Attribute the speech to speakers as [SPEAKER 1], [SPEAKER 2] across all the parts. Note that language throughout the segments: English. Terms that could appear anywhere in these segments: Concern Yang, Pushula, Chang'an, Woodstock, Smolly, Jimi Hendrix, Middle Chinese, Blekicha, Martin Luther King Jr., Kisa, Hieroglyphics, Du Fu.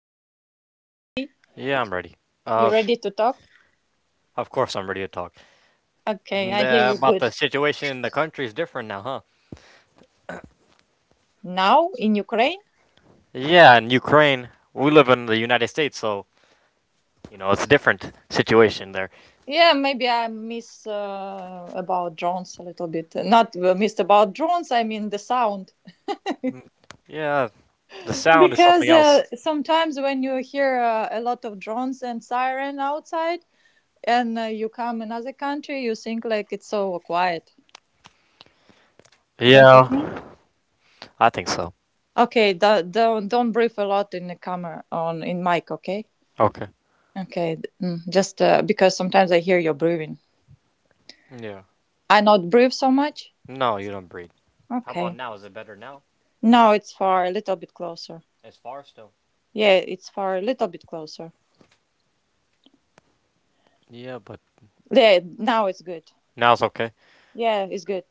[SPEAKER 1] Um,
[SPEAKER 2] You ready?
[SPEAKER 1] yeah, I'm ready.
[SPEAKER 2] You
[SPEAKER 1] Uh,
[SPEAKER 2] ready to talk?
[SPEAKER 1] of course I'm ready to talk.
[SPEAKER 2] Okay, I hear
[SPEAKER 1] The,
[SPEAKER 2] you
[SPEAKER 1] about
[SPEAKER 2] good.
[SPEAKER 1] the situation in the country is different now, huh?
[SPEAKER 2] Now in Ukraine?
[SPEAKER 1] Yeah, in Ukraine, we live in the United States, so, it's a different situation there.
[SPEAKER 2] Yeah, maybe I miss about drones a little bit. Not missed about drones, I mean the sound.
[SPEAKER 1] Mm, Yeah, the sound is
[SPEAKER 2] Because
[SPEAKER 1] something else.
[SPEAKER 2] sometimes when you hear a lot of drones and siren outside and you come another country, you think like it's so quiet. Don't you
[SPEAKER 1] Yeah,
[SPEAKER 2] think?
[SPEAKER 1] I think so.
[SPEAKER 2] Okay, don't breathe a lot in the camera on in mic, okay?
[SPEAKER 1] Okay.
[SPEAKER 2] Okay, mm, just because sometimes I hear your breathing.
[SPEAKER 1] Yeah.
[SPEAKER 2] I not breathe so much?
[SPEAKER 1] No, you don't breathe. How about
[SPEAKER 2] Okay.
[SPEAKER 1] now? Is it better now?
[SPEAKER 2] No, it's far a little bit closer.
[SPEAKER 1] It's far still.
[SPEAKER 2] Yeah, it's far a little bit closer.
[SPEAKER 1] Yeah, but
[SPEAKER 2] Yeah, now it's good.
[SPEAKER 1] now it's okay.
[SPEAKER 2] Yeah, it's good.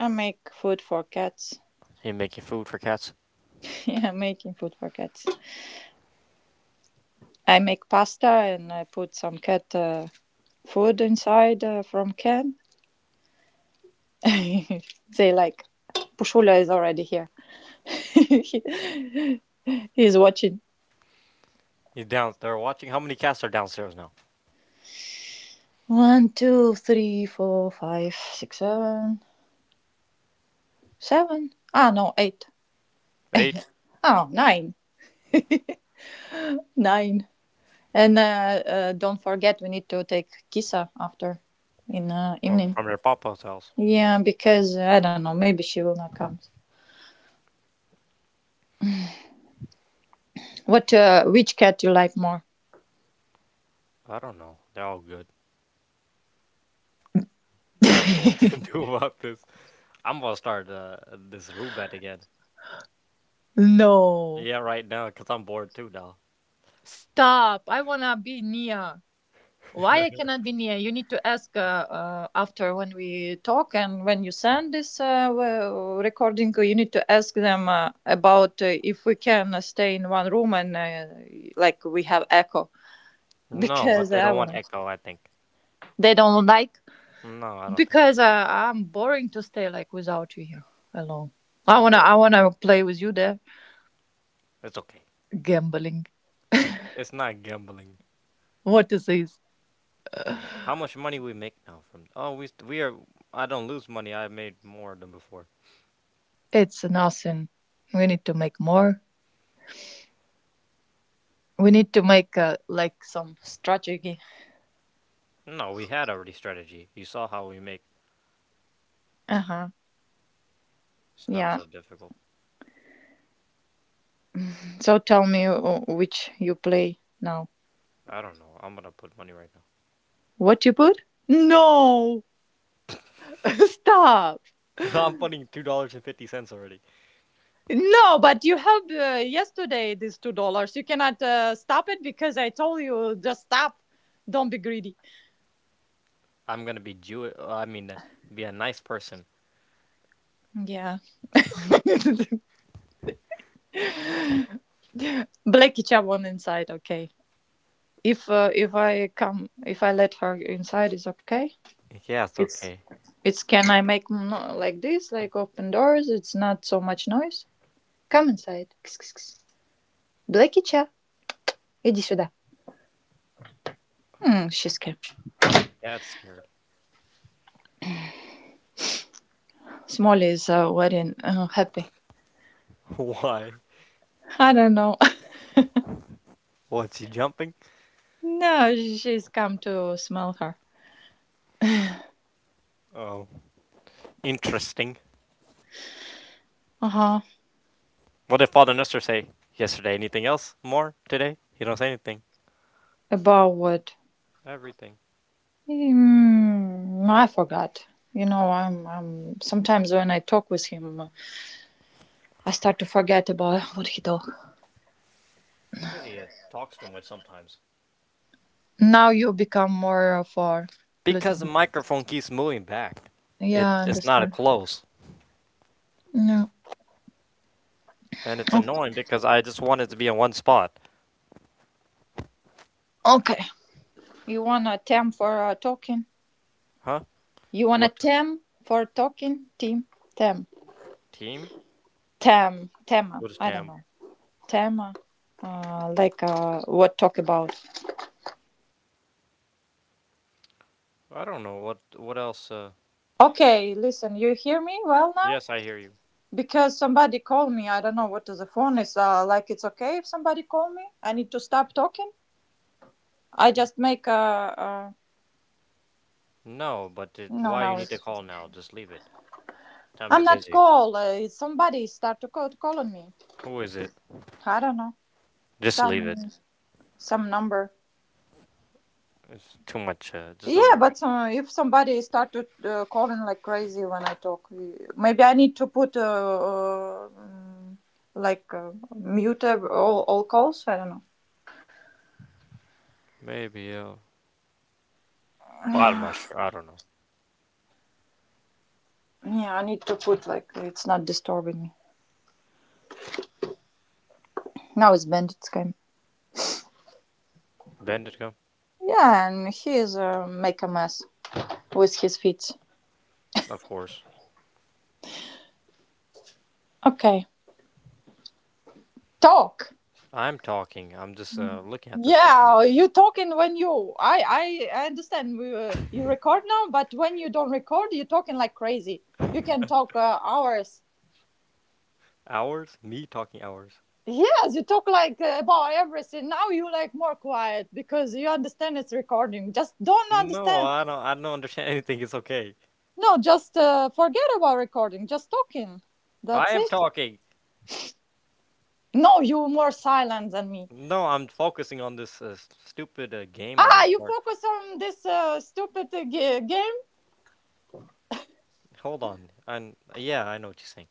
[SPEAKER 2] I make food for cats.
[SPEAKER 1] You're making food for cats.
[SPEAKER 2] Yeah, I'm making food for cats. I make pasta and I put some cat food inside from can. They like Pushula is already here. He's watching.
[SPEAKER 1] You down there watching? How many cats are downstairs now?
[SPEAKER 2] One, two, three, four, five, six, seven, seven. Ah, no, eight.
[SPEAKER 1] Eight?
[SPEAKER 2] Oh, nine. Nine. And don't forget, we need to take Kisa after in
[SPEAKER 1] Oh,
[SPEAKER 2] evening.
[SPEAKER 1] from their papa's house.
[SPEAKER 2] Yeah, because I don't know, maybe she will not come. What? Which cat you like more?
[SPEAKER 1] I don't know. They're all good. I don't know what to do about this. I'm gonna start this room bet again.
[SPEAKER 2] No.
[SPEAKER 1] Yeah, right now, because I'm bored too now.
[SPEAKER 2] Stop. I wanna be Nia. Why I cannot be Nia? You need to ask after when we talk and when you send this well, recording, you need to ask them about if we can stay in one room and like we have echo.
[SPEAKER 1] No, but
[SPEAKER 2] Because
[SPEAKER 1] they
[SPEAKER 2] I
[SPEAKER 1] don't
[SPEAKER 2] want.
[SPEAKER 1] want
[SPEAKER 2] Not
[SPEAKER 1] echo, I think.
[SPEAKER 2] they don't like
[SPEAKER 1] No, I don't think
[SPEAKER 2] because I'm boring to stay like without you here alone. I
[SPEAKER 1] I'm
[SPEAKER 2] wanna I
[SPEAKER 1] boring.
[SPEAKER 2] wanna play with you there.
[SPEAKER 1] It's okay.
[SPEAKER 2] Gambling.
[SPEAKER 1] It's not gambling.
[SPEAKER 2] What is this?
[SPEAKER 1] Oh, how much money we make now from? Oh, we are. I don't lose money. I made more than before.
[SPEAKER 2] It's nothing. We need to make more. We need to make like some strategy.
[SPEAKER 1] No, we had already strategy. You saw how we make.
[SPEAKER 2] Uh huh.
[SPEAKER 1] It's not
[SPEAKER 2] Yeah.
[SPEAKER 1] so difficult.
[SPEAKER 2] So tell me which you play now.
[SPEAKER 1] I don't know. I'm gonna put money right now.
[SPEAKER 2] What you put? No. Stop.
[SPEAKER 1] I'm putting $2.50 already.
[SPEAKER 2] No, but you have yesterday these $2. You cannot stop it because I told you just stop. Don't be greedy.
[SPEAKER 1] I'm gonna be Jew. I mean, be a nice person.
[SPEAKER 2] Yeah. Blekicha won inside. Okay. If I come, if I let her inside, is okay.
[SPEAKER 1] Yeah, it's
[SPEAKER 2] It's
[SPEAKER 1] okay.
[SPEAKER 2] can I make no- like this, like open doors? It's not so much noise. Come inside. Blekicha, иди сюда. Hmm, she's scared.
[SPEAKER 1] That's scared.
[SPEAKER 2] Smolly is very happy.
[SPEAKER 1] Why?
[SPEAKER 2] I don't know.
[SPEAKER 1] What's he jumping?
[SPEAKER 2] No, she's come to smell her.
[SPEAKER 1] Oh, interesting.
[SPEAKER 2] Uh huh.
[SPEAKER 1] What did Father Nestor say yesterday? Anything else? More today? He don't say anything.
[SPEAKER 2] About what?
[SPEAKER 1] Everything.
[SPEAKER 2] Mm, I forgot. You know, I'm, I'm. Sometimes when I talk with him, I start to forget about what he talk.
[SPEAKER 1] It's because he talks too much sometimes.
[SPEAKER 2] Now you become more of a little
[SPEAKER 1] Because the
[SPEAKER 2] bit.
[SPEAKER 1] microphone keeps moving back. It
[SPEAKER 2] Yeah, I
[SPEAKER 1] it's not a
[SPEAKER 2] understand.
[SPEAKER 1] close,
[SPEAKER 2] No.
[SPEAKER 1] and it's
[SPEAKER 2] Oh,
[SPEAKER 1] annoying because I just want it to be in one spot.
[SPEAKER 2] okay. You want a tem for talking?
[SPEAKER 1] Huh?
[SPEAKER 2] You want a
[SPEAKER 1] What
[SPEAKER 2] tem for talking? Team? Tem.
[SPEAKER 1] team?
[SPEAKER 2] Tem. Tema.
[SPEAKER 1] What is
[SPEAKER 2] I don't
[SPEAKER 1] Tam?
[SPEAKER 2] know. Tema. Like what talk about?
[SPEAKER 1] I don't know. What else?
[SPEAKER 3] Okay, listen, you hear me well now?
[SPEAKER 1] Yes, I hear you.
[SPEAKER 3] Because somebody called me. I don't know what the phone is. Like it's okay if somebody call me. I need to stop talking. I just make a.
[SPEAKER 1] No, but it,
[SPEAKER 3] No,
[SPEAKER 1] why
[SPEAKER 3] no,
[SPEAKER 1] you need to
[SPEAKER 3] it's.
[SPEAKER 1] call now? Just leave it. Tam,
[SPEAKER 3] I'm
[SPEAKER 1] you're
[SPEAKER 3] not
[SPEAKER 1] busy.
[SPEAKER 3] call. It's somebody start to call, call on me.
[SPEAKER 1] Who is it?
[SPEAKER 3] I don't know
[SPEAKER 1] Just leave
[SPEAKER 3] some
[SPEAKER 1] it.
[SPEAKER 3] some number.
[SPEAKER 1] It's too much. Just don't
[SPEAKER 3] Yeah,
[SPEAKER 1] do it right.
[SPEAKER 3] but if somebody start to calling like crazy when I talk, maybe I need to put like mute all calls. I don't know.
[SPEAKER 1] Maybe. Well, I'm not sure. I don't know.
[SPEAKER 3] Yeah, I need to put like it's not disturbing me. Now it's bandits game.
[SPEAKER 1] Bandit gum?
[SPEAKER 3] Yeah, and he is make a mess with his feet.
[SPEAKER 1] Of course.
[SPEAKER 3] Okay, talk.
[SPEAKER 1] I'm talking. I'm just looking at this right now.
[SPEAKER 3] Yeah, you talking when you. I understand. You record now, but when you don't record, you talking like crazy. You can talk hours.
[SPEAKER 1] Hours? Me talking hours?
[SPEAKER 3] Yes, you talk like about everything. Now you like more quiet because you understand it's recording. Just don't
[SPEAKER 1] No,
[SPEAKER 3] understand.
[SPEAKER 1] I don't. I don't understand anything. It's okay.
[SPEAKER 3] No, just forget about recording. Just talking.
[SPEAKER 1] I
[SPEAKER 3] That's
[SPEAKER 1] am
[SPEAKER 3] it.
[SPEAKER 1] talking.
[SPEAKER 3] No, you more silent than me.
[SPEAKER 1] No, I'm focusing on this stupid game on
[SPEAKER 3] Ah,
[SPEAKER 1] this
[SPEAKER 3] you
[SPEAKER 1] part.
[SPEAKER 3] focus on this stupid game.
[SPEAKER 1] Hold on. And yeah, I know what you're saying.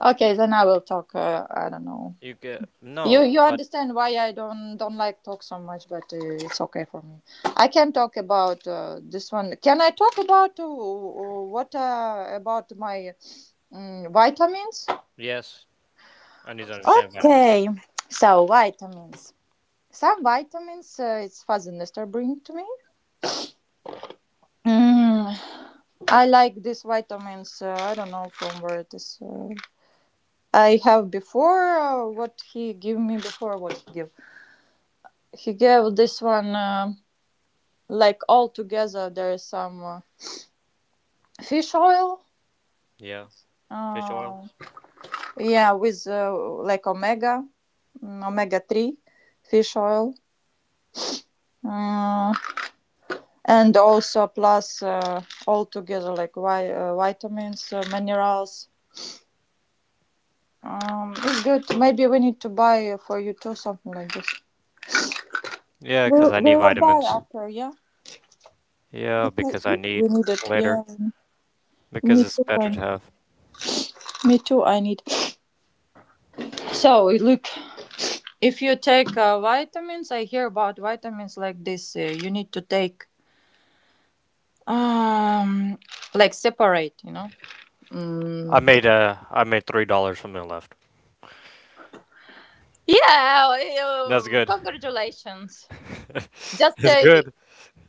[SPEAKER 3] Okay, then I will talk. I don't know.
[SPEAKER 1] You get
[SPEAKER 3] You
[SPEAKER 1] no, but
[SPEAKER 3] understand why I don't like talk so much, but it's okay for me. I can talk about this one. Can I talk about what about my vitamins?
[SPEAKER 1] yes, I need to understand vitamins.
[SPEAKER 3] Okay, so vitamins. Some vitamins it's Father bring to me. Mm, I like these vitamins. I don't know from where it is. I have before what he gave me before what he gave. He gave this one like all together. There is some fish oil.
[SPEAKER 1] Yeah, fish oil.
[SPEAKER 3] Uh, yeah, with like omega, omega three fish oil. Uh, and also plus all together like vitamins, minerals. It's good. Maybe we need to buy for you too something like this.
[SPEAKER 1] Yeah,
[SPEAKER 3] We
[SPEAKER 1] because I
[SPEAKER 3] we
[SPEAKER 1] need
[SPEAKER 3] will buy
[SPEAKER 1] vitamins.
[SPEAKER 3] after, yeah,
[SPEAKER 1] Yeah,
[SPEAKER 3] because
[SPEAKER 1] because
[SPEAKER 3] we
[SPEAKER 1] I
[SPEAKER 3] we
[SPEAKER 1] need
[SPEAKER 3] need it. Yeah,
[SPEAKER 1] later,
[SPEAKER 3] me
[SPEAKER 1] because it's
[SPEAKER 3] too.
[SPEAKER 1] better
[SPEAKER 3] I
[SPEAKER 1] to have.
[SPEAKER 3] Me too. I need. So look, if you take vitamins, I hear about vitamins like this. You need to take um like separate. You know.
[SPEAKER 1] I
[SPEAKER 3] Mm.
[SPEAKER 1] made uh I made $3 from the left.
[SPEAKER 3] Yeah.
[SPEAKER 1] That's good.
[SPEAKER 3] Congratulations. Just
[SPEAKER 1] It's good.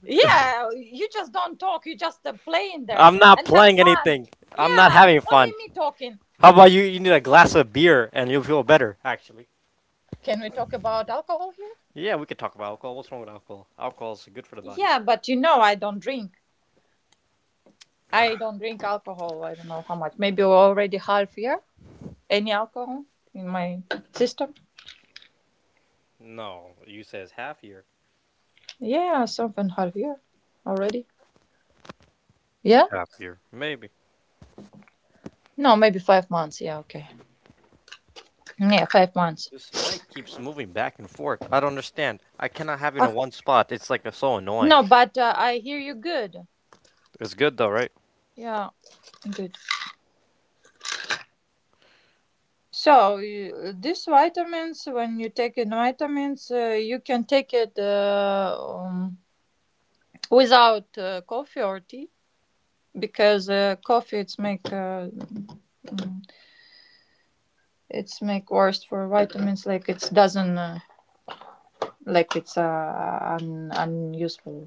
[SPEAKER 3] yeah. You just don't talk. You just play in there
[SPEAKER 1] I'm not
[SPEAKER 3] and have
[SPEAKER 1] playing
[SPEAKER 3] fun.
[SPEAKER 1] anything. I'm not
[SPEAKER 3] Yeah.
[SPEAKER 1] having fun.
[SPEAKER 3] Only me talking.
[SPEAKER 1] How about you? You need a glass of beer and you'll feel better. Actually,
[SPEAKER 3] Can we talk about alcohol here?
[SPEAKER 1] yeah, we could talk about alcohol. What's wrong with alcohol? Alcohol is good for the body.
[SPEAKER 3] Yeah, but you know, I don't drink. I don't drink alcohol. I don't know how much. Maybe already half year. Any alcohol in my system?
[SPEAKER 1] No, you says half year.
[SPEAKER 3] Yeah, something half year already. Yeah.
[SPEAKER 1] Half year, maybe.
[SPEAKER 3] No, maybe 5 months. Yeah. Okay. Yeah, 5 months.
[SPEAKER 1] This mic keeps moving back and forth. I don't understand. I cannot have it in
[SPEAKER 3] Of-
[SPEAKER 1] one spot. It's like so
[SPEAKER 3] No,
[SPEAKER 1] annoying.
[SPEAKER 3] but I hear you good.
[SPEAKER 1] It's good though, right?
[SPEAKER 3] Yeah, good. So you, these vitamins, when you take in vitamins, you can take it without coffee or tea. Because coffee it's make mm, it's make worse for vitamins like it doesn't like it's unuseful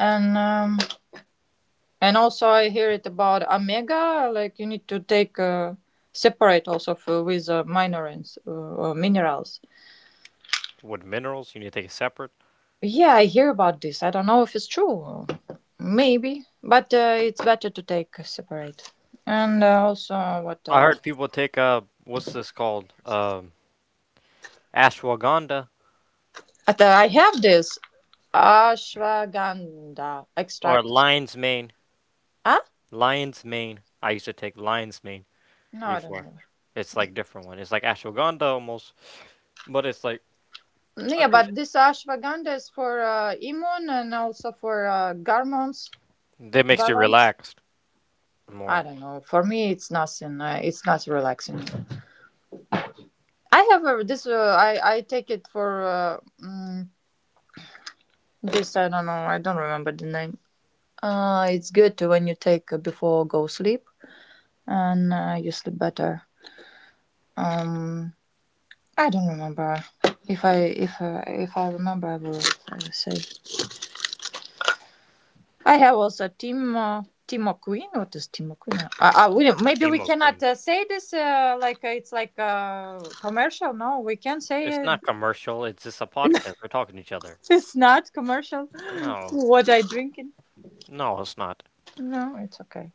[SPEAKER 3] and um, and also I hear it about omega like you need to take separate also for, with minerals or minerals.
[SPEAKER 1] With minerals, you need to take it separate.
[SPEAKER 3] Yeah, I hear about this. I don't know if it's true. Maybe, but it's better to take separate. And also what
[SPEAKER 1] I
[SPEAKER 3] else.
[SPEAKER 1] heard people take what's this called? Ashwagandha
[SPEAKER 3] But, I have this Ashwagandha
[SPEAKER 1] or
[SPEAKER 3] extract.
[SPEAKER 1] lion's mane.
[SPEAKER 3] Huh?
[SPEAKER 1] Lion's mane. I used to take lion's mane
[SPEAKER 3] No, I don't
[SPEAKER 1] before.
[SPEAKER 3] know.
[SPEAKER 1] It's like different one. It's like ashwagandha almost, but it's like I
[SPEAKER 3] Yeah,
[SPEAKER 1] think
[SPEAKER 3] but this ashwagandha is for immune and also for hormones
[SPEAKER 1] that makes you
[SPEAKER 3] balance.
[SPEAKER 1] relaxed
[SPEAKER 3] I
[SPEAKER 1] more.
[SPEAKER 3] don't know. For me, it's nothing. It's not relaxing. I take it for mm, this. I don't know. I don't remember the name. It's good to when you take before go sleep and you sleep better. Um, I don't remember. If I remember, I will say. I have also Timo Queen. What is Timo Queen? Maybe we
[SPEAKER 1] Chemo queen.
[SPEAKER 3] cannot say this it's like commercial. No, we can
[SPEAKER 1] It's
[SPEAKER 3] say it.
[SPEAKER 1] not commercial. It's just a podcast. We're talking to each other. It's-
[SPEAKER 3] it's not commercial.
[SPEAKER 1] no,
[SPEAKER 3] What I drinking?
[SPEAKER 1] no, it's not.
[SPEAKER 3] No, it's okay.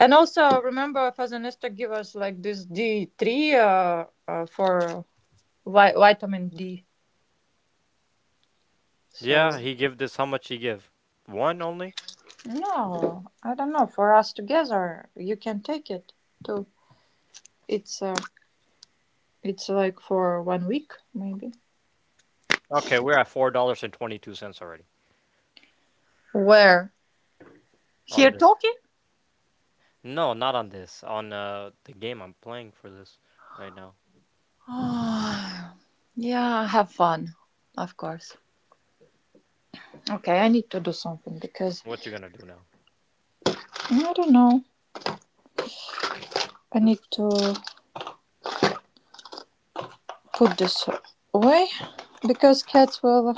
[SPEAKER 3] And also remember, Fazanista give us like this D three for vitamin D. So.
[SPEAKER 1] Yeah, he give this. How much he give? One only.
[SPEAKER 3] No, I don't know. For us together, you can take it too. It's uh, it's like for one week maybe.
[SPEAKER 1] Okay, we're at $4.22 already
[SPEAKER 3] Where?
[SPEAKER 1] on
[SPEAKER 3] Here
[SPEAKER 1] this.
[SPEAKER 3] talking?
[SPEAKER 1] No, not on this. On the game I'm playing for this right now.
[SPEAKER 3] Ah, yeah, have fun, of course. Okay, I need to do something because
[SPEAKER 1] What you gonna do now?
[SPEAKER 3] I don't know. I need to put this away because cats will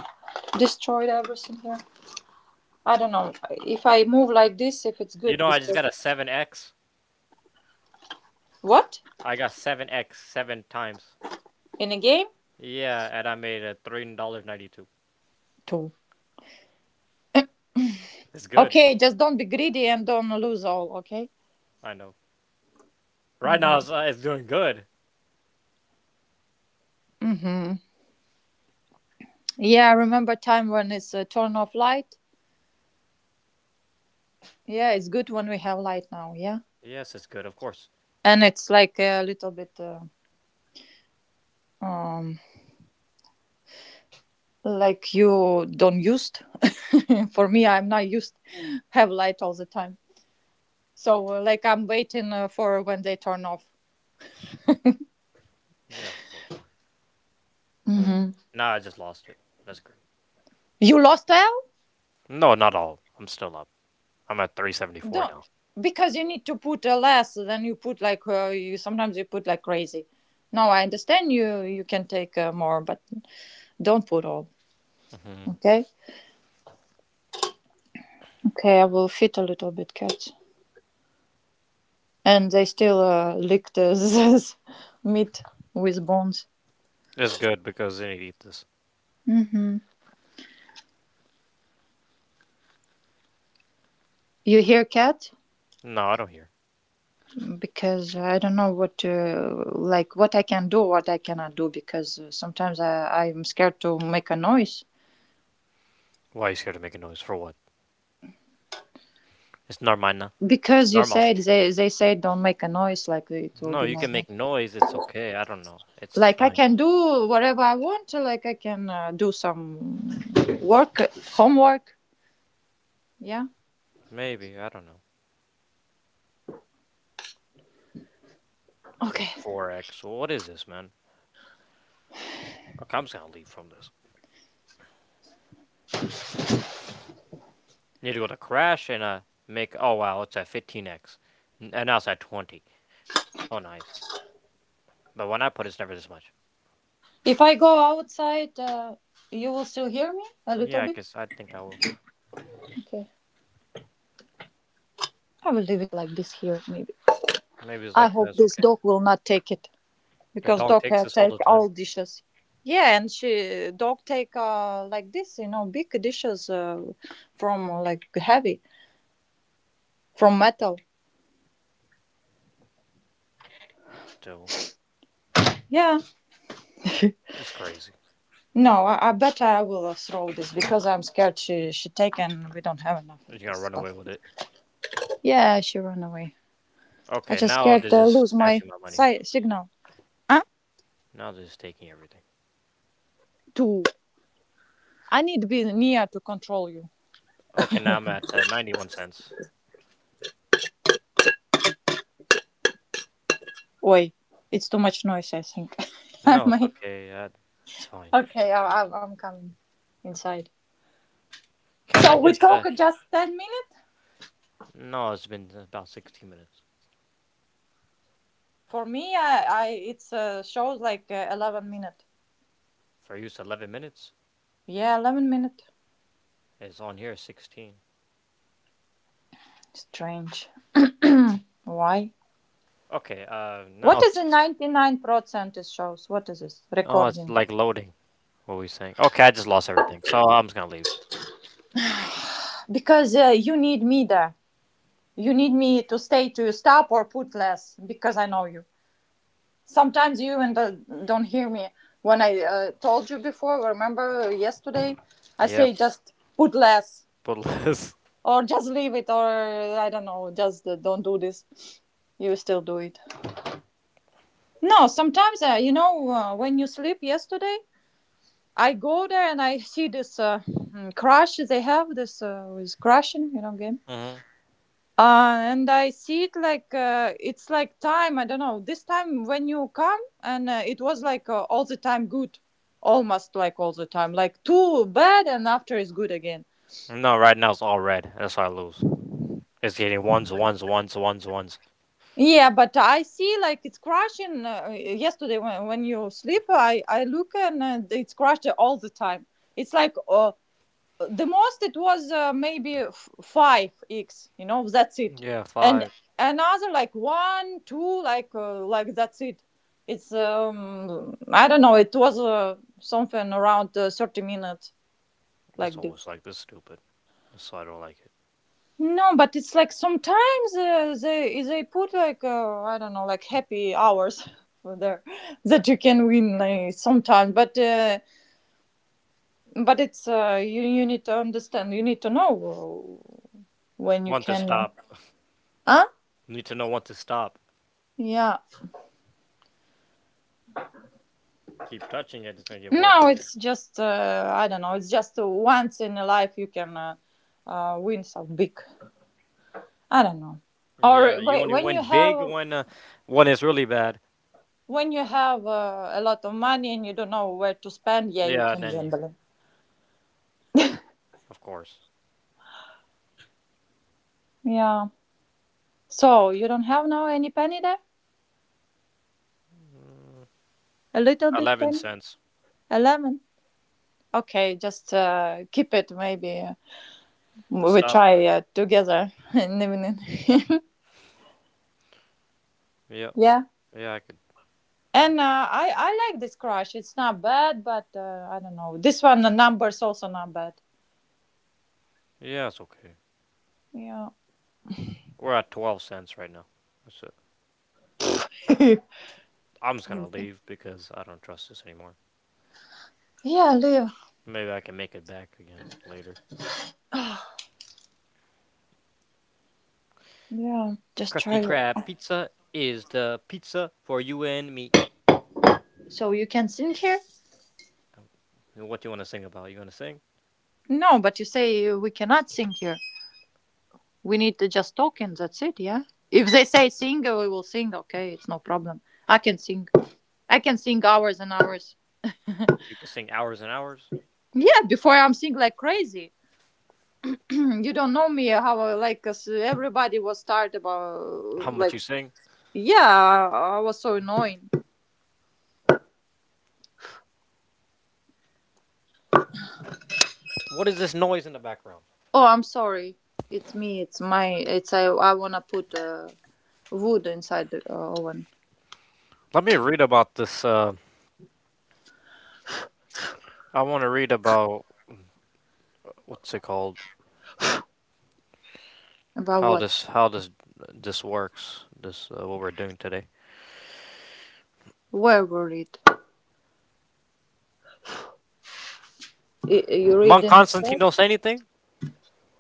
[SPEAKER 3] destroy everything here. I don't know if I move like this if it's
[SPEAKER 1] You
[SPEAKER 3] good
[SPEAKER 1] know, I just got
[SPEAKER 3] because
[SPEAKER 1] a 7X.
[SPEAKER 3] what
[SPEAKER 1] I got 7X seven times.
[SPEAKER 3] in a game?
[SPEAKER 1] Yeah, and I made a $3.92.
[SPEAKER 3] Two.
[SPEAKER 1] It's good.
[SPEAKER 3] Okay, just don't be greedy and don't lose all, okay?
[SPEAKER 1] I know. Right now, it's,
[SPEAKER 3] Hmm.
[SPEAKER 1] uh, it's doing good.
[SPEAKER 3] Mm-hmm. Yeah, I remember time when it's a turn off light. Yeah, it's good when we have light now, yeah?
[SPEAKER 1] Yes, it's good. Of course.
[SPEAKER 3] And it's like a little bit um like you don't used. for me, I'm not used have light all the time. So like I'm waiting for when they turn off.
[SPEAKER 1] Yeah, of course. Oh,
[SPEAKER 3] Hmm.
[SPEAKER 1] nah, I just lost it. That's great.
[SPEAKER 3] You lost L?
[SPEAKER 1] No, not all. I'm still up. I'm at 374 now.
[SPEAKER 3] Don't, because you need to put less than you put like you sometimes you put like crazy. No, I understand you. You can take more, but don't put all.
[SPEAKER 1] Hmm.
[SPEAKER 3] Okay. Okay, I will feed a little bit cats, and they still lick the meat with bones.
[SPEAKER 1] It's good because then you eat this.
[SPEAKER 3] Hmm. You hear cat?
[SPEAKER 1] No, I don't hear.
[SPEAKER 3] Because I don't know what like what I can do, what I cannot do, because sometimes I'm scared to make a noise.
[SPEAKER 1] Why are you scared to make a noise? For what? It's normal now. It's
[SPEAKER 3] Because you
[SPEAKER 1] normal.
[SPEAKER 3] said they say don't make a noise, like it will
[SPEAKER 1] No,
[SPEAKER 3] be
[SPEAKER 1] you can make
[SPEAKER 3] normal.
[SPEAKER 1] noise. It's okay. I don't know. It's
[SPEAKER 3] Like I
[SPEAKER 1] fine.
[SPEAKER 3] can do whatever I want, like I can do some work, homework. Yeah.
[SPEAKER 1] Maybe. I don't know. To
[SPEAKER 3] Okay,
[SPEAKER 1] 4x. Well, what is this, man? Okay, I'm just gonna leave from this. Need to go to crash and make. Oh wow, it's at 15x, x and now it's at 20. So nice. But when I put, it's never this much.
[SPEAKER 3] if I go outside you will still hear me a little
[SPEAKER 1] Yeah, I
[SPEAKER 3] bit.
[SPEAKER 1] guess I think I will.
[SPEAKER 3] Okay, I will leave it like this here maybe.
[SPEAKER 1] Maybe it's
[SPEAKER 3] I
[SPEAKER 1] like
[SPEAKER 3] hope
[SPEAKER 1] this.
[SPEAKER 3] this
[SPEAKER 1] Okay,
[SPEAKER 3] dog will not take it,
[SPEAKER 1] the
[SPEAKER 3] because
[SPEAKER 1] dog
[SPEAKER 3] dog
[SPEAKER 1] takes this all
[SPEAKER 3] take
[SPEAKER 1] the time.
[SPEAKER 3] all dishes. Yeah, and she dog take like this, you know, big dishes from like heavy, from metal.
[SPEAKER 1] So
[SPEAKER 3] Yeah.
[SPEAKER 1] it's crazy.
[SPEAKER 3] No, I bet I will throw this because I'm scared she take and we don't have enough
[SPEAKER 1] You're
[SPEAKER 3] of this
[SPEAKER 1] gonna run away
[SPEAKER 3] stuff.
[SPEAKER 1] with it.
[SPEAKER 3] Yeah, she run away. I
[SPEAKER 1] Okay,
[SPEAKER 3] just
[SPEAKER 1] now
[SPEAKER 3] scared
[SPEAKER 1] this
[SPEAKER 3] to
[SPEAKER 1] is
[SPEAKER 3] lose my
[SPEAKER 1] snatching my money.
[SPEAKER 3] signal. Huh?
[SPEAKER 1] Now this is taking everything.
[SPEAKER 3] To I need to be near to control you.
[SPEAKER 1] Okay, now I'm at 91 cents.
[SPEAKER 3] Oi, it's too much noise. I think. I
[SPEAKER 1] No, it's
[SPEAKER 3] might.
[SPEAKER 1] okay. It's fine.
[SPEAKER 3] Okay, I'm coming inside.
[SPEAKER 1] Can I
[SPEAKER 3] So we
[SPEAKER 1] just? Uh,
[SPEAKER 3] talk just 10 minutes.
[SPEAKER 1] no, it's been about 16 minutes.
[SPEAKER 3] For me, I it's shows like 11 minute.
[SPEAKER 1] For use 11 minutes?
[SPEAKER 3] Yeah, 11 minute.
[SPEAKER 1] It's on here 16.
[SPEAKER 3] Strange. Why?
[SPEAKER 1] Okay, now
[SPEAKER 3] What is the
[SPEAKER 1] it's,
[SPEAKER 3] 99% shows? What is this
[SPEAKER 1] oh, it's
[SPEAKER 3] recording?
[SPEAKER 1] like loading what were we saying? Okay, I just lost everything, so I'm just gonna leave.
[SPEAKER 3] Because you need me there. You need me to stay to stop or put less because I know you. Sometimes you and don't hear me when I told you before. Remember yesterday, I say
[SPEAKER 1] Yes,
[SPEAKER 3] just put less
[SPEAKER 1] but less.
[SPEAKER 3] or just leave it or I don't know. Just don't do this. You still do it. No, sometimes you know when you sleep yesterday, I go there and I see this crush they have this with crushing, you know, game.
[SPEAKER 1] Mm-hmm.
[SPEAKER 3] And I see it like it's like time. I don't know. This time when you come and it was like all the time good, almost like all the time, like too bad and after is good again.
[SPEAKER 1] No, right now it's all red. That's why I lose. It's getting ones, ones, ones, ones, ones.
[SPEAKER 3] Yeah, but I see like it's crashing. Yesterday when you sleep, I look and it's crashed all the time. It's like the most it was maybe five x, you know, that's it.
[SPEAKER 1] Yeah,
[SPEAKER 3] And
[SPEAKER 1] five.
[SPEAKER 3] another like one two like that's it. It's I don't know. It was something around 30 minutes
[SPEAKER 1] That's
[SPEAKER 3] like
[SPEAKER 1] always
[SPEAKER 3] this.
[SPEAKER 1] like this stupid. So I don't like it.
[SPEAKER 3] No, but it's like sometimes they put like I don't know, like happy hours for there, that you can win like, sometimes but it's you you need to understand, you need to know when you
[SPEAKER 1] Want to
[SPEAKER 3] can
[SPEAKER 1] stop.
[SPEAKER 3] huh?
[SPEAKER 1] Need to know when to stop.
[SPEAKER 3] Yeah.
[SPEAKER 1] Keep touching it, it's gonna get worse
[SPEAKER 3] No, it's just I don't know. It's just once in a life you can win so big. I don't know.
[SPEAKER 1] and worse.
[SPEAKER 3] Or
[SPEAKER 1] Yeah, you
[SPEAKER 3] wait,
[SPEAKER 1] only win big when it's really bad.
[SPEAKER 3] when you have a lot of money and you don't know where to spend, yeah, you
[SPEAKER 1] Yeah, and
[SPEAKER 3] can
[SPEAKER 1] then
[SPEAKER 3] gamble.
[SPEAKER 1] of course.
[SPEAKER 3] Yeah. So you don't have now any penny there? A little bit
[SPEAKER 1] Eleven
[SPEAKER 3] penny?
[SPEAKER 1] cents.
[SPEAKER 3] A lemon? Okay, just keep it. Maybe we
[SPEAKER 1] Stop.
[SPEAKER 3] try together in the evening.
[SPEAKER 1] Yeah,
[SPEAKER 3] yeah.
[SPEAKER 1] yeah, I could.
[SPEAKER 3] And I like this crush. It's not bad, but I don't know. This one, the numbers, also not bad.
[SPEAKER 1] Yeah, it's okay.
[SPEAKER 3] Yeah.
[SPEAKER 1] We're at 12 cents right now. That's it. I'm just gonna leave because I don't trust this anymore.
[SPEAKER 3] Yeah, Liv.
[SPEAKER 1] Maybe I can make it back again later.
[SPEAKER 3] Yeah. Just try
[SPEAKER 1] Krusty
[SPEAKER 3] it.
[SPEAKER 1] Krab pizza is the pizza for you and me.
[SPEAKER 3] So you can sing here?
[SPEAKER 1] Oh, what do you want to sing about? You want to sing?
[SPEAKER 3] No, but you say we cannot sing here. We need to just talk and that's it, yeah? If they say sing, we will sing. Okay, it's no problem. I can sing. I can sing hours and hours.
[SPEAKER 1] You can sing hours and hours.
[SPEAKER 3] Yeah, before I'm sing like crazy. You don't know me how I like, 'cause everybody was start about
[SPEAKER 1] How much
[SPEAKER 3] like
[SPEAKER 1] you sing?
[SPEAKER 3] yeah. I was so annoying.
[SPEAKER 1] What is this noise in the background?
[SPEAKER 3] Oh, I'm sorry. It's me. It's my. It's I. I wanna put wood inside the oven.
[SPEAKER 1] Let me read about this. I want to read about what's it called?
[SPEAKER 3] About
[SPEAKER 1] How
[SPEAKER 3] what?
[SPEAKER 1] this how this this works? This what we're doing today.
[SPEAKER 3] Where were it? I, you
[SPEAKER 1] Monk
[SPEAKER 3] reading
[SPEAKER 1] Constantine
[SPEAKER 3] instead?
[SPEAKER 1] don't say anything.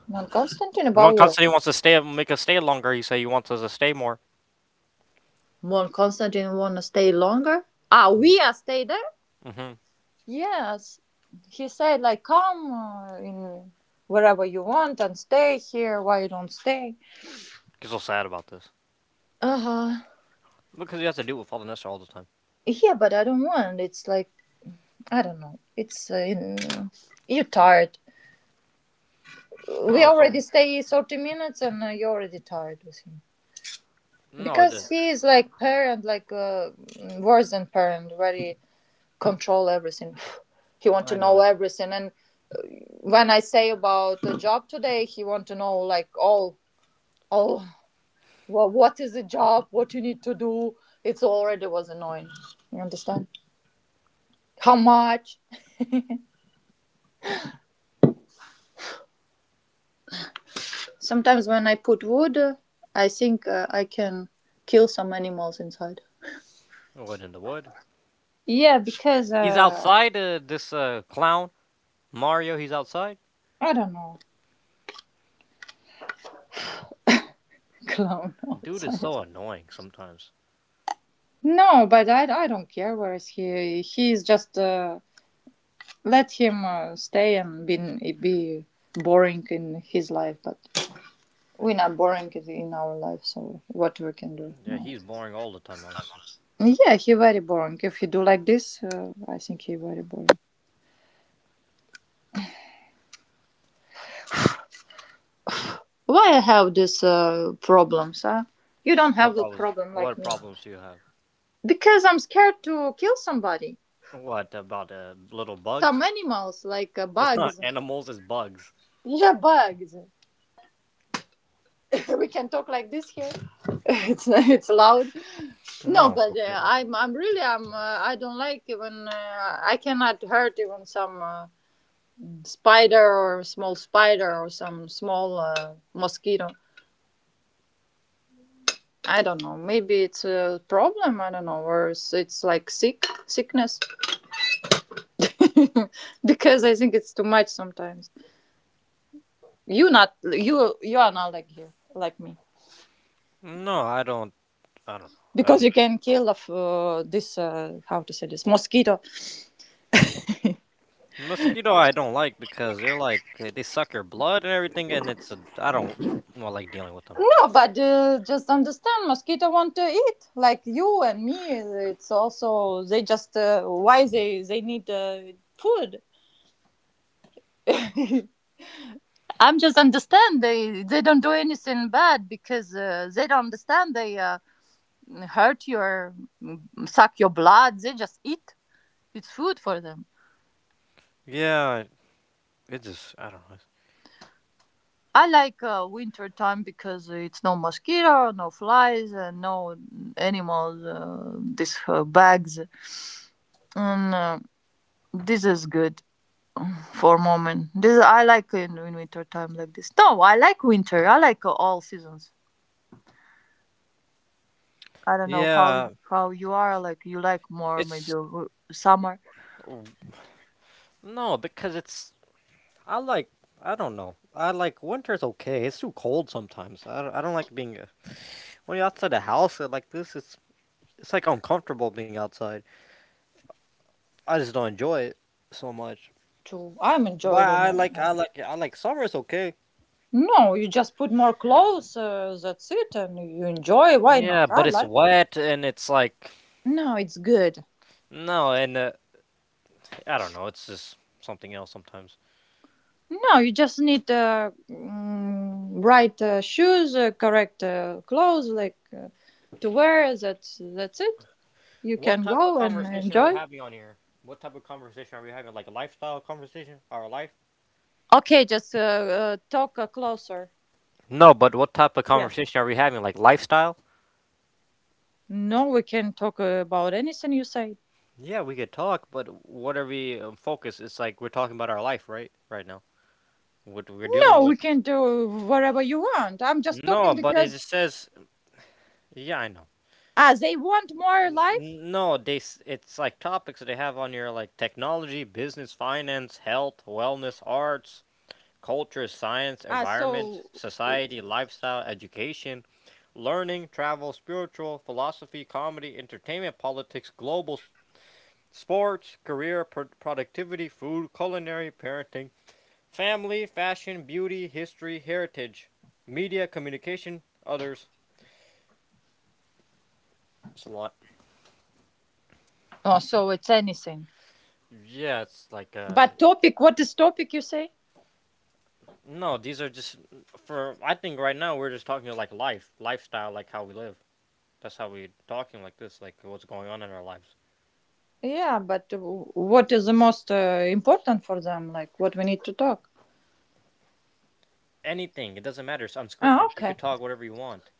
[SPEAKER 3] Mon Constantine about
[SPEAKER 1] Monk
[SPEAKER 3] what?
[SPEAKER 1] Constantine wants to stay, make us stay longer. He say he wants us to stay more.
[SPEAKER 3] Mon Constantine wanna stay longer. Ah, we are stay there.
[SPEAKER 1] Mm-hmm.
[SPEAKER 3] Yes, he said like come in wherever you want and stay here. Why you don't stay?
[SPEAKER 1] He's so sad about this
[SPEAKER 3] Uh huh.
[SPEAKER 1] because he has to deal with all the Nestor all the time.
[SPEAKER 3] Yeah, but I don't want. It's like I don't know. It's you're tired. We
[SPEAKER 1] No, so
[SPEAKER 3] already stay 30 minutes and you're already tired with him,
[SPEAKER 1] no, it just
[SPEAKER 3] because he is like parent like worse than parent, very control everything. He want to
[SPEAKER 1] I
[SPEAKER 3] know
[SPEAKER 1] know.
[SPEAKER 3] everything. And when I say about the job today, he want to know like all, well, what is the job, what you need to do. It's already was annoying. You understand how much? Sometimes when I put wood I think I can kill some animals inside.
[SPEAKER 1] It went in the wood.
[SPEAKER 3] Yeah, because
[SPEAKER 1] He's outside. This clown Mario. He's outside.
[SPEAKER 3] I don't know. Clown
[SPEAKER 1] Dude is
[SPEAKER 3] outside.
[SPEAKER 1] so annoying sometimes.
[SPEAKER 3] No, but I don't care where is he. He's just let him stay and be boring in his life. But we're not boring in- our life, so what we can do
[SPEAKER 1] Yeah,
[SPEAKER 3] now?
[SPEAKER 1] he's boring all the time. Honestly,
[SPEAKER 3] Yeah, he very boring. If he do like this, I think he very boring. Why I have these problems? Huh? You don't
[SPEAKER 1] what
[SPEAKER 3] have a
[SPEAKER 1] problems?
[SPEAKER 3] problem
[SPEAKER 1] What
[SPEAKER 3] like me,
[SPEAKER 1] problems do you have?
[SPEAKER 3] because I'm scared to kill somebody.
[SPEAKER 1] What about little bugs?
[SPEAKER 3] Some animals like
[SPEAKER 1] It's not
[SPEAKER 3] bugs.
[SPEAKER 1] animals. It's bugs.
[SPEAKER 3] Yeah, bugs. We can talk like this here. It's loud. No,
[SPEAKER 1] No, it's
[SPEAKER 3] but
[SPEAKER 1] okay.
[SPEAKER 3] I'm really I'm I don't like, even I cannot hurt even some spider or small spider or some small mosquito. I don't know. Maybe it's a problem. I don't know, or it's like sick sickness. Because I think it's too much sometimes. You not you are not like here like me,
[SPEAKER 1] No, I don't. I don't know.
[SPEAKER 3] because you can kill of this how to say this mosquito.
[SPEAKER 1] Mosquito I don't like because they're like they suck your blood and everything, and it's a I don't well like dealing with them.
[SPEAKER 3] Oh, but just understand mosquito want to eat like you and me. It's also they just why they need food. I'm just understand they don't do anything bad, because they don't understand they hurt your, suck your blood, they just eat. It's food for them.
[SPEAKER 1] Yeah, it just I don't know.
[SPEAKER 3] I like winter time, because it's no mosquito, no flies and no animals, these bugs. And this is good for a moment. This I like in winter time like this. No, I like winter. I like all seasons. I don't know
[SPEAKER 1] Yeah,
[SPEAKER 3] how you are. Like you like more maybe
[SPEAKER 1] it's
[SPEAKER 3] summer.
[SPEAKER 1] no because it's I like I don't know. I like winter's okay. It's too cold sometimes. I don't like being when you're outside the house like this. It's like uncomfortable being outside. I just don't enjoy it so much.
[SPEAKER 3] To I'm
[SPEAKER 1] But
[SPEAKER 3] enjoying
[SPEAKER 1] I
[SPEAKER 3] it.
[SPEAKER 1] like I like I like summer's okay.
[SPEAKER 3] No, you just put more clothes. That's it, and you enjoy. Why not?
[SPEAKER 1] Yeah, but
[SPEAKER 3] I
[SPEAKER 1] it's
[SPEAKER 3] like.
[SPEAKER 1] wet and it's like
[SPEAKER 3] No, it's good.
[SPEAKER 1] no, and I don't know. It's just something else sometimes.
[SPEAKER 3] No, you just need right shoes, correct clothes, like to wear. That's it. You can
[SPEAKER 1] What type of
[SPEAKER 3] go and
[SPEAKER 1] conversation are we
[SPEAKER 3] enjoy.
[SPEAKER 1] having on here? What type of conversation are we having? Like a lifestyle conversation or a life?
[SPEAKER 3] Okay, just talk closer.
[SPEAKER 1] No, but what type of
[SPEAKER 3] Yes.
[SPEAKER 1] conversation are we having? Like lifestyle?
[SPEAKER 3] No, we can talk about anything you say.
[SPEAKER 1] Yeah, we could talk, but what are we focused? It's like we're talking about our life, right? Right now, what we're dealing
[SPEAKER 3] No, we
[SPEAKER 1] with.
[SPEAKER 3] can do whatever you want. I'm just
[SPEAKER 1] No,
[SPEAKER 3] talking
[SPEAKER 1] but it
[SPEAKER 3] because
[SPEAKER 1] just says. Yeah, I know.
[SPEAKER 3] ah, they want more life.
[SPEAKER 1] N- No, they. It's like topics that they have on here, like technology, business, finance, health, wellness, arts, culture, science,
[SPEAKER 3] Ah, so
[SPEAKER 1] environment, society, lifestyle, education, learning, travel, spiritual, philosophy, comedy, entertainment, politics, global sports, career, productivity, food, culinary, parenting, family, fashion, beauty, history, heritage, media, communication, others. It's a lot.
[SPEAKER 3] oh, so it's anything.
[SPEAKER 1] Yeah, it's like
[SPEAKER 3] But topic, what is topic? You say?
[SPEAKER 1] no, these are just for I think right now we're just talking like life, lifestyle, like how we live. That's how we're talking like this, like what's going on in our lives.
[SPEAKER 3] Yeah, but w- what is the most important for them? Like what we need to talk?
[SPEAKER 1] Anything. It doesn't matter. It's
[SPEAKER 3] Ah,
[SPEAKER 1] unscripted. You
[SPEAKER 3] okay,
[SPEAKER 1] could talk whatever you want.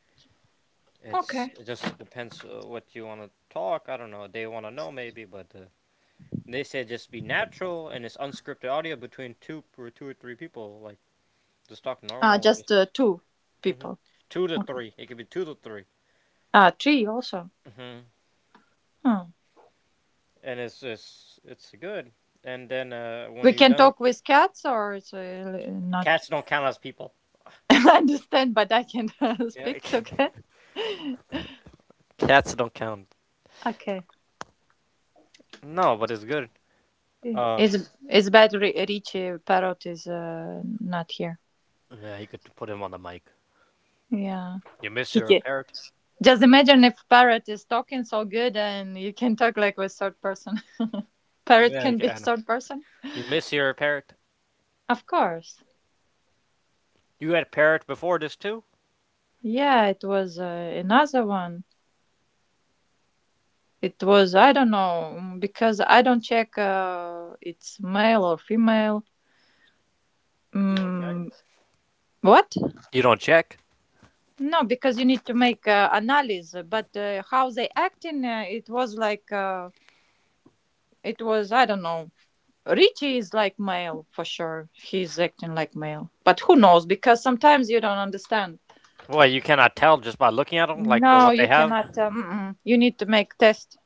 [SPEAKER 3] okay.
[SPEAKER 1] It just depends what you want to talk. I don't know. They want to know maybe, but they said just be natural and it's unscripted audio between two or two or three people. Like just talk
[SPEAKER 3] Ah,
[SPEAKER 1] normal.
[SPEAKER 3] just
[SPEAKER 1] Just,
[SPEAKER 3] two
[SPEAKER 1] hmm
[SPEAKER 3] people.
[SPEAKER 1] Two to
[SPEAKER 3] Okay.
[SPEAKER 1] three. It could be two to 3.
[SPEAKER 3] Ah, three also.
[SPEAKER 1] hmm
[SPEAKER 3] Hmm.
[SPEAKER 1] And it's good. And then when
[SPEAKER 3] We
[SPEAKER 1] you're
[SPEAKER 3] can
[SPEAKER 1] done,
[SPEAKER 3] talk with cats, or it's not.
[SPEAKER 1] cats don't count as people.
[SPEAKER 3] I understand, but I can
[SPEAKER 1] Yeah,
[SPEAKER 3] speak okay.
[SPEAKER 1] cats don't count.
[SPEAKER 3] Okay.
[SPEAKER 1] No, but it's good. Uh,
[SPEAKER 3] It's bad. Ri- Richie Parrot is not here.
[SPEAKER 1] yeah, you could put him on the mic.
[SPEAKER 3] Yeah.
[SPEAKER 1] You miss
[SPEAKER 3] He
[SPEAKER 1] your
[SPEAKER 3] can.
[SPEAKER 1] parrot.
[SPEAKER 3] Just imagine if Parrot is talking so good, and you can talk like with third person. Parrot
[SPEAKER 1] Yeah, you
[SPEAKER 3] can be
[SPEAKER 1] can.
[SPEAKER 3] third person,
[SPEAKER 1] You miss your parrot.
[SPEAKER 3] of course.
[SPEAKER 1] You had a parrot before this too.
[SPEAKER 3] Yeah, it was another one. It was I don't know, mm, because I don't check it's male or female.
[SPEAKER 1] You don't check?
[SPEAKER 3] Mm, what?
[SPEAKER 1] You don't check.
[SPEAKER 3] No, because you need to make analysis. But how they acting, it was like it was I don't know. Richie is like male for sure. He's acting like male, but who knows? Because sometimes you don't understand.
[SPEAKER 1] Well, you cannot tell just by looking at them, like
[SPEAKER 3] No,
[SPEAKER 1] what they
[SPEAKER 3] you
[SPEAKER 1] have.
[SPEAKER 3] cannot. Mm-mm. You need to make test.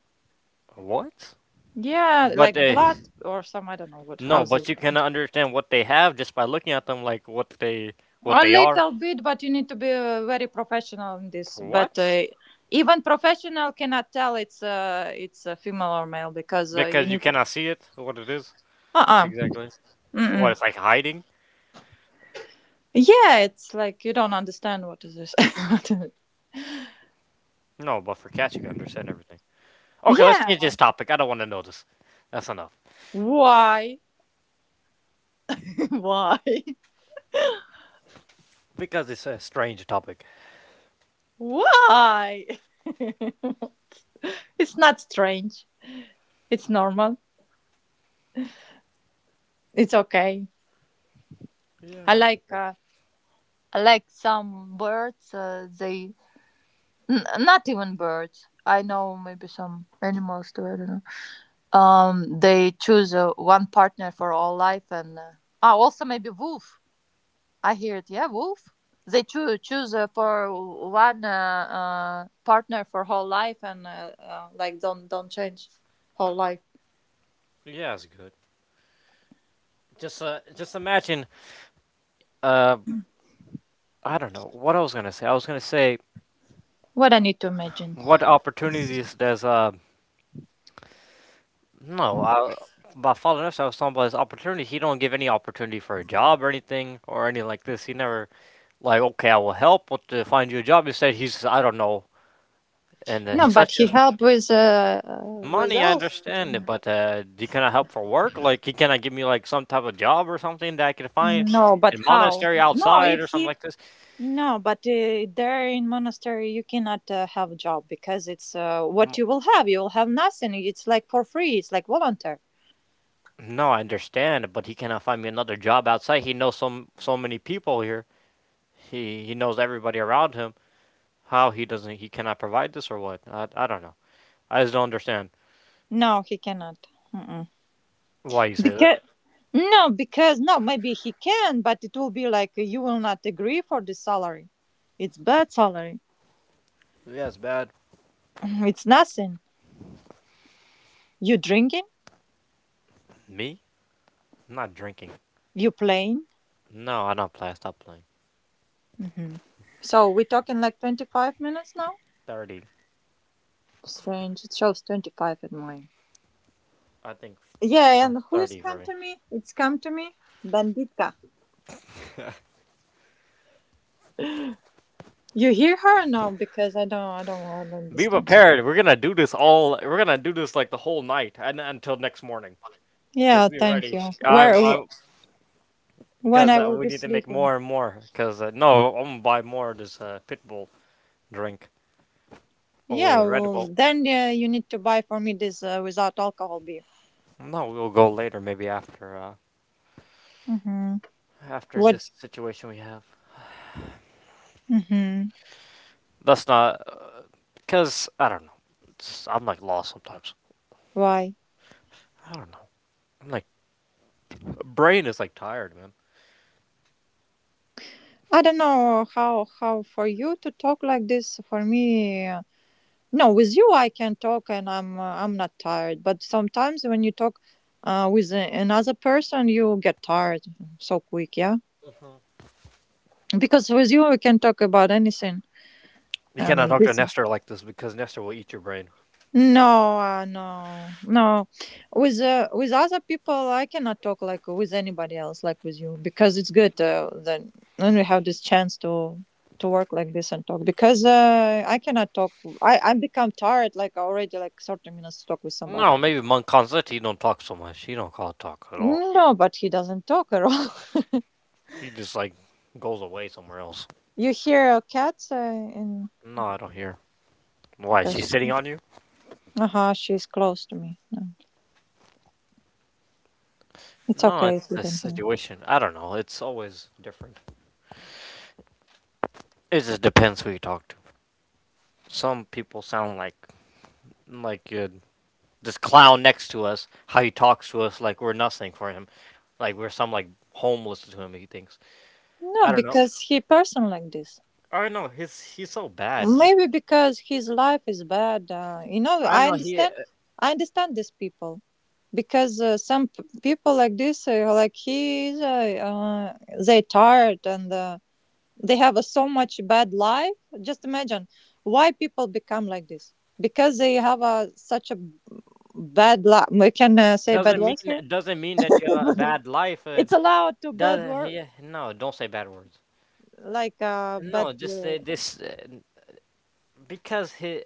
[SPEAKER 1] What?
[SPEAKER 3] Yeah,
[SPEAKER 1] But
[SPEAKER 3] like blood or some I don't know what,
[SPEAKER 1] No,
[SPEAKER 3] how's
[SPEAKER 1] but
[SPEAKER 3] it?
[SPEAKER 1] you can understand what they have just by looking at them, like what they what
[SPEAKER 3] A
[SPEAKER 1] they are.
[SPEAKER 3] little bit, but you need to be very professional in this. But
[SPEAKER 1] What?
[SPEAKER 3] even professional cannot tell it's a female or male, because you
[SPEAKER 1] Because you
[SPEAKER 3] need.
[SPEAKER 1] cannot see it, what it is
[SPEAKER 3] Uh
[SPEAKER 1] exactly. What
[SPEAKER 3] uh
[SPEAKER 1] it's like hiding.
[SPEAKER 3] Yeah, it's like you don't understand what is this. What is it.
[SPEAKER 1] No, but for cats, you can understand everything. Okay, let's change
[SPEAKER 3] Yeah.
[SPEAKER 1] this topic. I don't want to know this. That's enough.
[SPEAKER 3] Why? Why?
[SPEAKER 1] Because it's a strange topic.
[SPEAKER 3] Why? It's not strange. It's normal. It's okay. I
[SPEAKER 1] Yeah, it's
[SPEAKER 3] like
[SPEAKER 1] okay.
[SPEAKER 3] uh, I like some birds. They n- not even birds. I know maybe some animals too. I don't know. They choose one partner for all life, and ah, also maybe wolf. I heard, yeah, Wolf. They choo- choose for one partner for whole life and like don't change whole life.
[SPEAKER 1] Yeah, it's good. Just imagine. Uh, I don't know what I was gonna say. I was gonna say
[SPEAKER 3] What I need to imagine.
[SPEAKER 1] what opportunities does, no, I, by following us I was talking about his opportunity. He don't give any opportunity for a job or anything like this. He never, like, okay, I will help with to find you a job. Instead he's, I don't know, and
[SPEAKER 3] No, but
[SPEAKER 1] such
[SPEAKER 3] he
[SPEAKER 1] a
[SPEAKER 3] helped with
[SPEAKER 1] money, I
[SPEAKER 3] elf.
[SPEAKER 1] understand it, but he cannot help for work. Like he cannot give me like some type of job or something that I could find
[SPEAKER 3] No, but
[SPEAKER 1] in
[SPEAKER 3] how?
[SPEAKER 1] monastery
[SPEAKER 3] No,
[SPEAKER 1] outside
[SPEAKER 3] if
[SPEAKER 1] or something
[SPEAKER 3] he
[SPEAKER 1] like this.
[SPEAKER 3] no, but there in monastery you cannot have a job, because it's what you will have. You will have nothing. It's like for free. It's like volunteer.
[SPEAKER 1] No, I understand, but he cannot find me another job outside. He knows so many people here. He knows everybody around him. How he doesn't, he cannot provide this or what? I don't know. I just don't understand
[SPEAKER 3] No, he cannot. Mm-mm.
[SPEAKER 1] why you say that.
[SPEAKER 3] Because no, because no, maybe he can, but it will be like you will not agree for the salary. It's bad salary.
[SPEAKER 1] Yeah, it's bad.
[SPEAKER 3] It's nothing. You drinking?
[SPEAKER 1] Me? I'm not drinking.
[SPEAKER 3] You playing?
[SPEAKER 1] No, I don't play. I stop playing.
[SPEAKER 3] Hmm. So we're talking like 25 minutes now.
[SPEAKER 1] 30.
[SPEAKER 3] Strange. It shows 25 in mine.
[SPEAKER 1] I think,
[SPEAKER 3] Yeah,
[SPEAKER 1] no,
[SPEAKER 3] and
[SPEAKER 1] it's
[SPEAKER 3] who is
[SPEAKER 1] 30 for
[SPEAKER 3] come
[SPEAKER 1] me.
[SPEAKER 3] to me? It's come to me, Banditka. You hear her or no? Because I don't
[SPEAKER 1] Be
[SPEAKER 3] understand.
[SPEAKER 1] prepared. We're gonna do this all. We're gonna do this like the whole night and until next morning. Just
[SPEAKER 3] Yeah,
[SPEAKER 1] be
[SPEAKER 3] thank
[SPEAKER 1] ready.
[SPEAKER 3] you.
[SPEAKER 1] I'm I'm
[SPEAKER 3] When
[SPEAKER 1] Because
[SPEAKER 3] I will
[SPEAKER 1] we
[SPEAKER 3] be
[SPEAKER 1] need to make
[SPEAKER 3] sleeping?
[SPEAKER 1] more and more. Because no, I'm gonna buy more of this pit bull drink, or what is
[SPEAKER 3] Yeah,
[SPEAKER 1] it, Red
[SPEAKER 3] well,
[SPEAKER 1] Bull.
[SPEAKER 3] then you need to buy for me this without alcohol beer.
[SPEAKER 1] No, we'll go later, maybe after uh,
[SPEAKER 3] Mm-hmm.
[SPEAKER 1] after
[SPEAKER 3] What?
[SPEAKER 1] this situation we have.
[SPEAKER 3] Mm-hmm.
[SPEAKER 1] That's not, because I don't know. It's, I'm like lost sometimes.
[SPEAKER 3] Why?
[SPEAKER 1] I don't know. I'm like, brain is like tired, man.
[SPEAKER 3] I don't know how for you to talk like this. For me, no, with you I can talk and I'm not tired. But sometimes when you talk with a- another person, you get tired so quick. Yeah,
[SPEAKER 1] Mhm.
[SPEAKER 3] because with you we can talk about anything.
[SPEAKER 1] You cannot talk to
[SPEAKER 3] This.
[SPEAKER 1] Nestor like this because Nestor will eat your brain.
[SPEAKER 3] No, no. With other people, I cannot talk like with anybody else, like with you, because it's good that then we have this chance to work like this and talk. Because I cannot talk. I become tired, like already like 30 minutes to talk with somebody.
[SPEAKER 1] No, maybe Monk Concept, he don't talk so much. He don't call talk at all.
[SPEAKER 3] No, but he doesn't talk at all.
[SPEAKER 1] He just like goes away somewhere else.
[SPEAKER 3] You hear a cat in
[SPEAKER 1] No, I don't hear. Why is she
[SPEAKER 3] because
[SPEAKER 1] sitting on you?
[SPEAKER 3] uh huh, she's close to me. No, it's
[SPEAKER 1] No,
[SPEAKER 3] okay
[SPEAKER 1] it's
[SPEAKER 3] if you
[SPEAKER 1] a
[SPEAKER 3] don't hear.
[SPEAKER 1] situation. I don't know. It's always different. It just depends who you talk to. Some people sound like this clown next to us. How he talks to us like we're nothing for him. Like we're some like homeless to him, he thinks.
[SPEAKER 3] No,
[SPEAKER 1] I don't know.
[SPEAKER 3] because he person like this.
[SPEAKER 1] I don't know. He's so bad.
[SPEAKER 3] Maybe because his life is bad. You know,
[SPEAKER 1] I don't
[SPEAKER 3] I
[SPEAKER 1] know. He
[SPEAKER 3] understand. I understand these people, because some p- people like this, like he, is, they tired and they have a so much bad life. Just imagine why people become like this, because they have a such a bad life. We can say bad
[SPEAKER 1] doesn't
[SPEAKER 3] words here.
[SPEAKER 1] mean doesn't mean that you have a bad life.
[SPEAKER 3] It's
[SPEAKER 1] It
[SPEAKER 3] allowed to bad
[SPEAKER 1] doesn't.
[SPEAKER 3] word
[SPEAKER 1] He? No. Don't say bad words.
[SPEAKER 3] like bad.
[SPEAKER 1] No. Just say this, because he,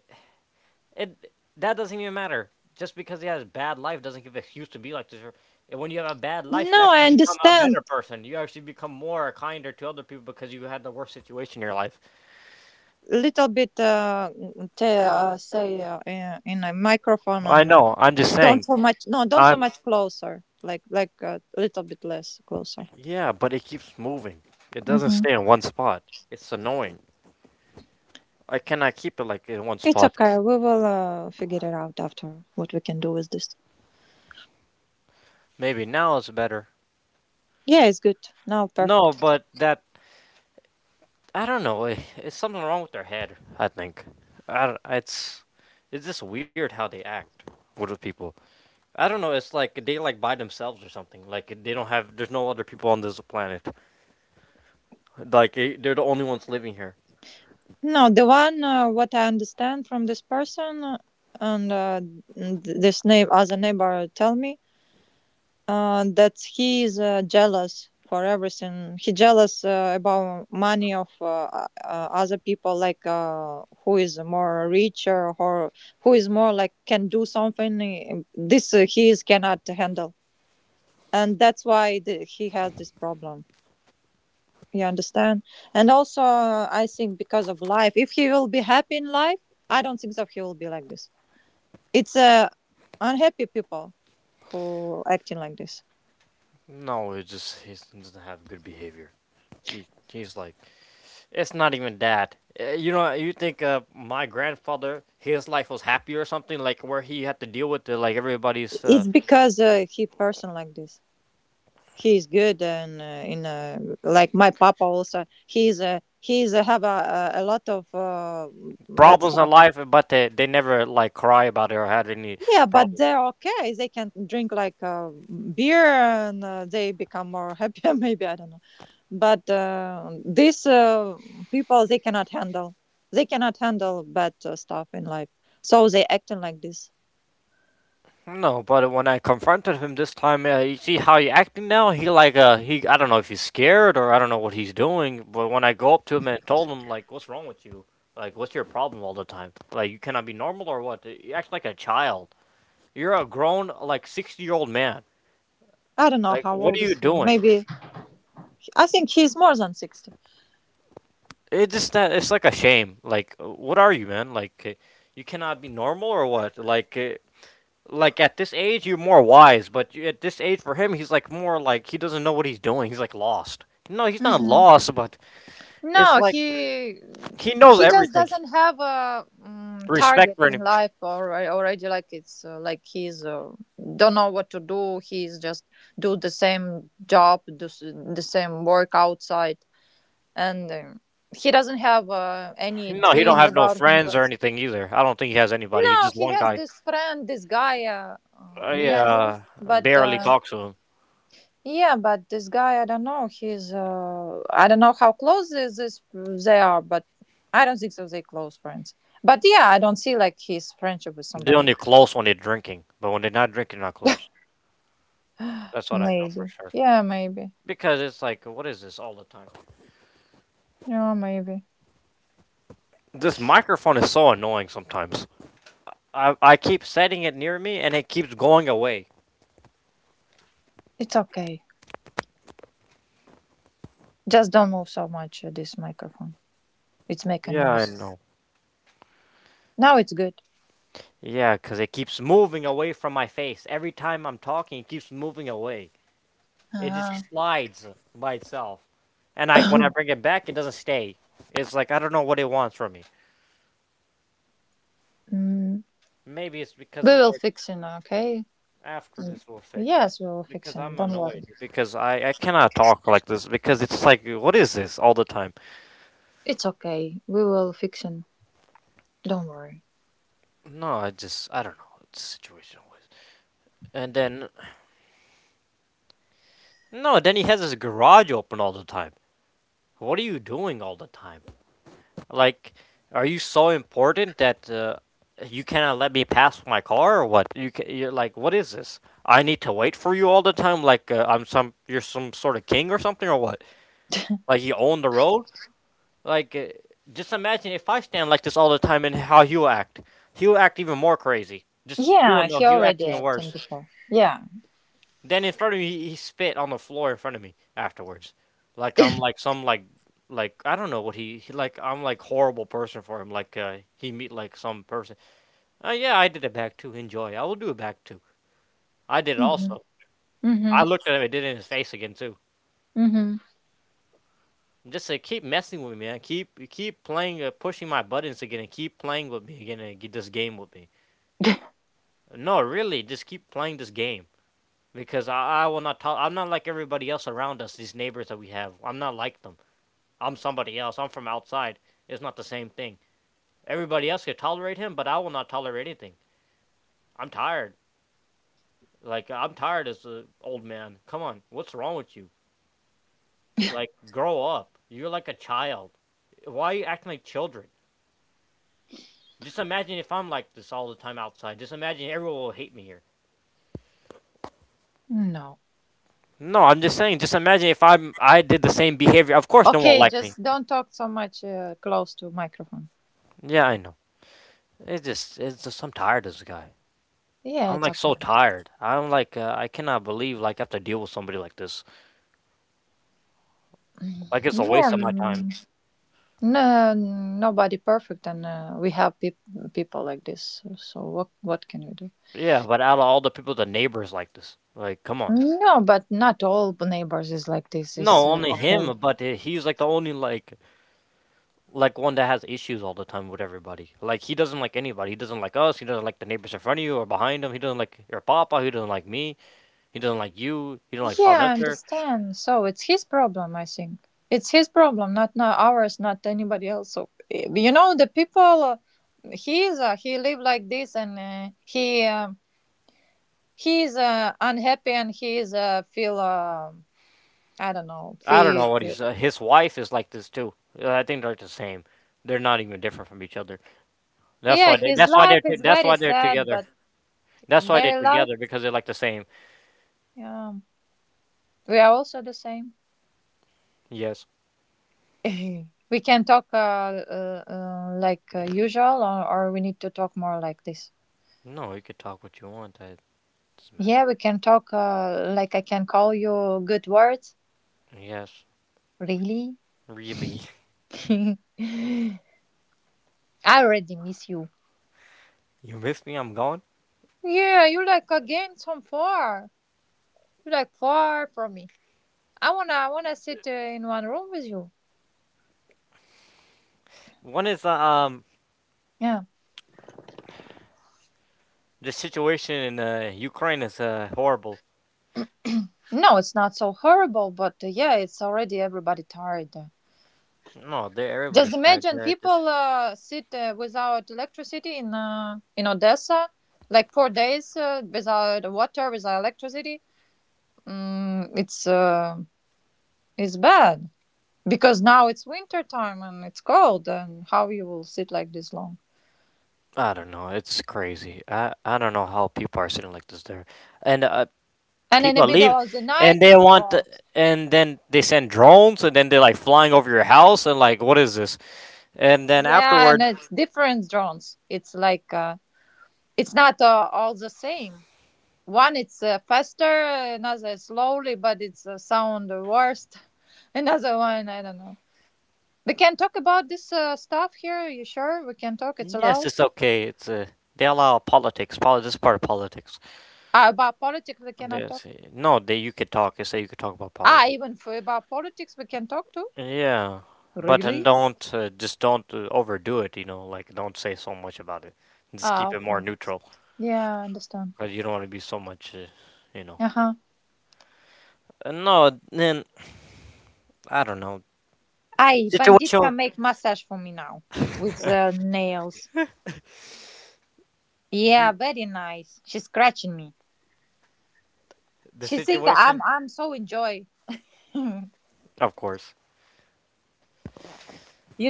[SPEAKER 1] it, that doesn't even matter. Just because he has a bad life doesn't give an excuse to be like this, and when you have a bad life, you
[SPEAKER 3] No, I
[SPEAKER 1] actually become a
[SPEAKER 3] understand
[SPEAKER 1] better person. You actually become more kinder to other people because you had the worst situation in your life.
[SPEAKER 3] little bit say, say in a microphone
[SPEAKER 1] I
[SPEAKER 3] and
[SPEAKER 1] know. I'm just
[SPEAKER 3] don't
[SPEAKER 1] saying.
[SPEAKER 3] so much, no, don't so
[SPEAKER 1] I'm
[SPEAKER 3] much closer, like a little bit less closer.
[SPEAKER 1] Yeah, but it keeps moving. It doesn't
[SPEAKER 3] Hmm.
[SPEAKER 1] stay in one spot. It's annoying. I cannot keep it like in one
[SPEAKER 3] It's
[SPEAKER 1] spot.
[SPEAKER 3] okay, we will figure it out after what we can do with this.
[SPEAKER 1] Maybe now it's better.
[SPEAKER 3] Yeah, it's good. Now
[SPEAKER 1] No,
[SPEAKER 3] perfect.
[SPEAKER 1] but that, I don't know. It's something wrong with their head, I think. I don't- It's just weird how they act with the people. I don't know. It's like they like by themselves or something. Like they don't have, there's no other people on this planet. Like, they're the only ones living here.
[SPEAKER 3] No, the one what I understand from this person, and th- this name as a neighbor tell me, that he is jealous for everything. He jealous about money of other people, like who is more richer or who is more like can do something. This he is cannot handle, and that's why the, he has this problem. You understand? And also, I think because of life, if he will be happy in life, I don't think that he will be like this. It's unhappy people who acting like this.
[SPEAKER 1] No, it just, he doesn't have good behavior. He's like, it's not even that. You know, you think, my grandfather, his life was happy or something, like where he had to deal with like everybody's
[SPEAKER 3] It's because he person like this. He is good and in like my papa also. He is he's have a, lot of bad
[SPEAKER 1] problems in
[SPEAKER 3] stuff.
[SPEAKER 1] life, but they never like cry about it or had any
[SPEAKER 3] Yeah, but
[SPEAKER 1] problems
[SPEAKER 3] they're
[SPEAKER 1] about it.
[SPEAKER 3] okay. They can drink like beer and they become more happier. Maybe I don't know. But these people they cannot handle. They cannot handle bad stuff in life. So they acting like this.
[SPEAKER 1] No, but when I confronted him this time, you see how he acting now. He, I don't know if he's scared or I don't know what he's doing. But when I go up to him and told him, like, what's wrong with you? Like, what's your problem all the time? Like, you cannot be normal or what? You act like a child. You're a grown like 60-year old man.
[SPEAKER 3] I don't know
[SPEAKER 1] Like,
[SPEAKER 3] how
[SPEAKER 1] what are
[SPEAKER 3] old
[SPEAKER 1] you
[SPEAKER 3] is he.
[SPEAKER 1] doing?
[SPEAKER 3] Maybe I think he's more than 60.
[SPEAKER 1] It just that it's like a shame. Like, what are you, man? Like, you cannot be normal or what? Like at this age you're more wise, but at this age for him he's like more, like he doesn't know what he's doing. He's like lost. No, he's not
[SPEAKER 3] Mhm.
[SPEAKER 1] lost, but it's
[SPEAKER 3] No,
[SPEAKER 1] like he knows
[SPEAKER 3] he just
[SPEAKER 1] everything.
[SPEAKER 3] doesn't have a mm
[SPEAKER 1] Respect
[SPEAKER 3] target
[SPEAKER 1] for
[SPEAKER 3] in
[SPEAKER 1] him.
[SPEAKER 3] life, or already like it's like he's don't know what to do. He's just do the same job, do s- the same work outside, and he doesn't have any
[SPEAKER 1] No, he don't
[SPEAKER 3] dreams
[SPEAKER 1] have no
[SPEAKER 3] about
[SPEAKER 1] friends or
[SPEAKER 3] himself.
[SPEAKER 1] anything either. I don't think he has anybody. He's
[SPEAKER 3] No,
[SPEAKER 1] just
[SPEAKER 3] he
[SPEAKER 1] one
[SPEAKER 3] has
[SPEAKER 1] guy.
[SPEAKER 3] this friend, this guy
[SPEAKER 1] I
[SPEAKER 3] near him, but
[SPEAKER 1] barely talk to him.
[SPEAKER 3] yeah, but this guy, I don't know. He's, I don't know how close this they are, but I don't think so. They close friends. But yeah, I don't see like his friendship with
[SPEAKER 1] They're
[SPEAKER 3] somebody.
[SPEAKER 1] only close when they're drinking, but when they're not drinking, they're not close. That's what I know for
[SPEAKER 3] Maybe.
[SPEAKER 1] sure.
[SPEAKER 3] Yeah, maybe.
[SPEAKER 1] Because it's like, what is this all the time?
[SPEAKER 3] Yeah, maybe.
[SPEAKER 1] This microphone is so annoying sometimes. I keep setting it near me and it keeps going away.
[SPEAKER 3] It's okay. Just don't move so much. This microphone. It's making
[SPEAKER 1] Yeah, I
[SPEAKER 3] noise.
[SPEAKER 1] know.
[SPEAKER 3] Now it's good.
[SPEAKER 1] Yeah, 'cause it keeps moving away from my face. Every time I'm talking, it keeps moving away. It
[SPEAKER 3] Ah.
[SPEAKER 1] just slides by itself. And I, when I bring it back, it doesn't stay. It's like I don't know what it wants from me.
[SPEAKER 3] Mm,
[SPEAKER 1] Maybe it's because
[SPEAKER 3] we
[SPEAKER 1] of
[SPEAKER 3] will
[SPEAKER 1] what
[SPEAKER 3] fix it. Okay.
[SPEAKER 1] after
[SPEAKER 3] Mm,
[SPEAKER 1] this will fix.
[SPEAKER 3] Yes, we will fix
[SPEAKER 1] Because
[SPEAKER 3] it.
[SPEAKER 1] I'm
[SPEAKER 3] Don't
[SPEAKER 1] annoyed.
[SPEAKER 3] worry.
[SPEAKER 1] Because I cannot talk like this. Because it's like, what is this all the time?
[SPEAKER 3] It's okay. We will fix it. Don't worry.
[SPEAKER 1] No, I just, I don't know. It's situation always. And then, no, then he has his garage open all the time. What are you doing all the time? Like, are you so important that you cannot let me pass my car or what? You're like, what is this? I need to wait for you all the time. Like, I'm some you're some sort of king or something or what? Like, you own the road. Like, just imagine if I stand like this all the time and how he'll act. He'll act even more crazy. Just, you will
[SPEAKER 3] Yeah,
[SPEAKER 1] know,
[SPEAKER 3] he
[SPEAKER 1] he'll act
[SPEAKER 3] already
[SPEAKER 1] even
[SPEAKER 3] acting
[SPEAKER 1] worse.
[SPEAKER 3] before. Yeah.
[SPEAKER 1] Then in front of me, he spit on the floor in front of me afterwards, like I'm like some, like I don't know what he, like I'm like horrible person for him. Like, he meet like some person. Yeah, I did it back too. Enjoy. I will do it back too. I did it
[SPEAKER 3] Mhm.
[SPEAKER 1] also. I
[SPEAKER 3] Mhm.
[SPEAKER 1] looked at him. I did it in his face again too.
[SPEAKER 3] Mhm.
[SPEAKER 1] And just say, keep messing with me, man. Keep playing, pushing my buttons again, and keep playing with me again, and get this game with me. No, really, just keep playing this game because I will not talk. I'm not like everybody else around us. These neighbors that we have, I'm not like them. I'm somebody else. I'm from outside. It's not the same thing. Everybody else could tolerate him, but I will not tolerate anything. I'm tired. Like I'm tired as an old man. Come on, what's wrong with you? Like, grow up. You're like a child. Why are you acting like children? Just imagine if I'm like this all the time outside. Just imagine, everyone will hate me here.
[SPEAKER 3] No.
[SPEAKER 1] No, I'm just saying. Just imagine if I did the same behavior. Of course, no one will
[SPEAKER 3] Okay,
[SPEAKER 1] like me.
[SPEAKER 3] just don't talk so much close to microphone.
[SPEAKER 1] Yeah, I know. It's just I'm tired of this guy.
[SPEAKER 3] Yeah,
[SPEAKER 1] I'm
[SPEAKER 3] it's
[SPEAKER 1] like
[SPEAKER 3] okay.
[SPEAKER 1] so tired. I'm like, I cannot believe like I have to deal with somebody like this.
[SPEAKER 3] Mm.
[SPEAKER 1] Like, it's a
[SPEAKER 3] Yeah.
[SPEAKER 1] waste of my time.
[SPEAKER 3] No, nobody perfect, and we have people like this. So what can we do?
[SPEAKER 1] Yeah, but out of all the people, the neighbor's like this. Like, come on.
[SPEAKER 3] No, but not all neighbors is like this. Is
[SPEAKER 1] No, only
[SPEAKER 3] okay.
[SPEAKER 1] him, but he's like the only, like one that has issues all the time with everybody. Like he doesn't like anybody. He doesn't like us. He doesn't like the neighbors in front of you or behind him. He doesn't like your papa. He doesn't like me. He doesn't like you. He doesn't like
[SPEAKER 3] Yeah,
[SPEAKER 1] Father
[SPEAKER 3] I
[SPEAKER 1] Nestor.
[SPEAKER 3] understand. So it's his problem, I think. It's his problem, not ours, not anybody else. So eh, you know, the people. He is he live like this and he is unhappy and he is feel I don't know
[SPEAKER 1] I don't
[SPEAKER 3] feel
[SPEAKER 1] know what he's. His wife is like this too. I think they're the same. They're not even different from each other. That's
[SPEAKER 3] yeah
[SPEAKER 1] why they.
[SPEAKER 3] his
[SPEAKER 1] That's why they're.
[SPEAKER 3] life
[SPEAKER 1] T-
[SPEAKER 3] is
[SPEAKER 1] that's
[SPEAKER 3] very
[SPEAKER 1] why they're
[SPEAKER 3] sad
[SPEAKER 1] together.
[SPEAKER 3] but
[SPEAKER 1] That's why they're
[SPEAKER 3] their life
[SPEAKER 1] together because they're like the same.
[SPEAKER 3] um, we are also the same.
[SPEAKER 1] Yes.
[SPEAKER 3] We can talk like usual or we need to talk more like this.
[SPEAKER 1] No, you could talk what you want. That doesn't matter.
[SPEAKER 3] Yeah, we can talk like I can call you good words,
[SPEAKER 1] Yes,
[SPEAKER 3] really.
[SPEAKER 1] really.
[SPEAKER 3] I already miss you.
[SPEAKER 1] You miss me? I'm gone.
[SPEAKER 3] Yeah, you like again from far. You're like far from me. I wanna sit in one room with you.
[SPEAKER 1] One is
[SPEAKER 3] Yeah.
[SPEAKER 1] The situation in Ukraine is horrible.
[SPEAKER 3] No, it's not so horrible, but yeah, it's already everybody tired.
[SPEAKER 1] No, they,
[SPEAKER 3] Just
[SPEAKER 1] everybody's tired
[SPEAKER 3] imagine
[SPEAKER 1] there. Just,
[SPEAKER 3] people sit without electricity in Odessa, like 4 days without water, without electricity. Mm, it's uh, it's bad because now it's winter time and it's cold, and how you will sit like this long?
[SPEAKER 1] I don't know. It's crazy. I don't know how people are sitting like this there, and
[SPEAKER 3] And in the
[SPEAKER 1] people leave,
[SPEAKER 3] middle of the night,
[SPEAKER 1] and they
[SPEAKER 3] it's
[SPEAKER 1] want, to,
[SPEAKER 3] drawn.
[SPEAKER 1] and then they send drones, and then they're like flying over your house, and like, what is this? And then
[SPEAKER 3] Yeah, and
[SPEAKER 1] afterward,
[SPEAKER 3] it's different drones. It's like it's not all the same. One it's faster, another slowly, but it's sound the worst. Another one, I don't know. We can talk about this stuff here. You sure we can talk? It's
[SPEAKER 1] yes,
[SPEAKER 3] allowed.
[SPEAKER 1] it's okay. It's they allow politics. This is part of politics.
[SPEAKER 3] Ah, about politics we cannot
[SPEAKER 1] They
[SPEAKER 3] talk.
[SPEAKER 1] say, no, they you could talk. You say you could talk about
[SPEAKER 3] Ah,
[SPEAKER 1] politics.
[SPEAKER 3] even for about politics we can talk too.
[SPEAKER 1] Yeah, but and
[SPEAKER 3] Really?
[SPEAKER 1] don't just don't overdo it. You know, like don't say so much about it. Just
[SPEAKER 3] Ah,
[SPEAKER 1] keep it more
[SPEAKER 3] okay.
[SPEAKER 1] neutral.
[SPEAKER 3] Yeah, I understand.
[SPEAKER 1] Cause you don't want to be so much. You know.
[SPEAKER 3] Uh huh.
[SPEAKER 1] No, then I don't know.
[SPEAKER 3] I bandit
[SPEAKER 1] Situation.
[SPEAKER 3] can make massage for me now with the nails. Yeah, very nice. She's scratching me.
[SPEAKER 1] The
[SPEAKER 3] She think I'm
[SPEAKER 1] situation.
[SPEAKER 3] I'm so enjoy. You
[SPEAKER 1] Of course.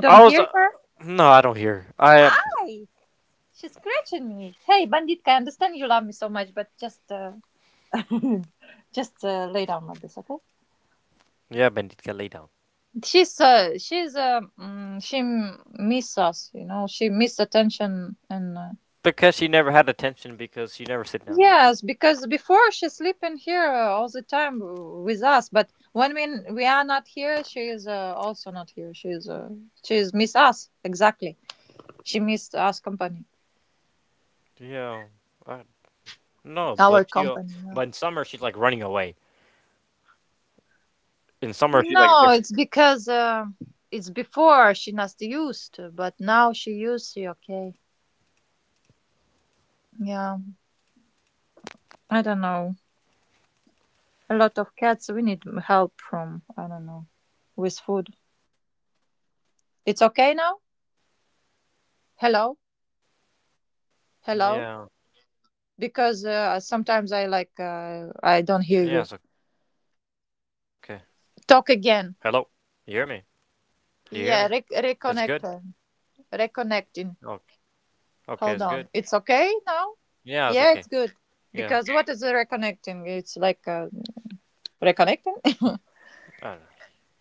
[SPEAKER 3] don't
[SPEAKER 1] I was.
[SPEAKER 3] hear her?
[SPEAKER 1] No, I don't hear. I
[SPEAKER 3] Hi. She's scratching me. Hey, bandit, I understand you love me so much, but just just lay down like this, okay?
[SPEAKER 1] yeah, Benditka lay down
[SPEAKER 3] She's mm, miss us, you know. She miss attention and
[SPEAKER 1] because she never had attention because she never sit down with us.
[SPEAKER 3] yes, because before she's sleeping here all the time with us, but when we are not here, she is also not here. She is miss us exactly. She missed us company.
[SPEAKER 1] Yeah. I, no,
[SPEAKER 3] Our
[SPEAKER 1] but you.
[SPEAKER 3] company. Yeah.
[SPEAKER 1] But in summer she's like running away. In summer, she's like
[SPEAKER 3] No,
[SPEAKER 1] different.
[SPEAKER 3] it's because it's before she not used, but now she used it, okay. Yeah, I don't know. A lot of cats, we need help from, I don't know, with food. It's okay now?
[SPEAKER 1] Yeah.
[SPEAKER 3] Hello?
[SPEAKER 1] Yeah, it's okay.
[SPEAKER 3] Hello? Because
[SPEAKER 1] Why? What happened?
[SPEAKER 3] sometimes I like, I don't hear you.
[SPEAKER 1] Hello? You hear me?
[SPEAKER 3] Talk again.
[SPEAKER 1] Do you hear me?
[SPEAKER 3] Yeah,
[SPEAKER 1] It's good?
[SPEAKER 3] reconnector. Reconnecting.
[SPEAKER 1] Okay.
[SPEAKER 3] Hold on.
[SPEAKER 1] Okay,
[SPEAKER 3] It's
[SPEAKER 1] it's good.
[SPEAKER 3] okay now? Yeah, it's
[SPEAKER 1] Yeah, it's
[SPEAKER 3] good.
[SPEAKER 1] okay.
[SPEAKER 3] Because what is the
[SPEAKER 1] Yeah.
[SPEAKER 3] reconnecting? It's like reconnecting?
[SPEAKER 1] I don't know.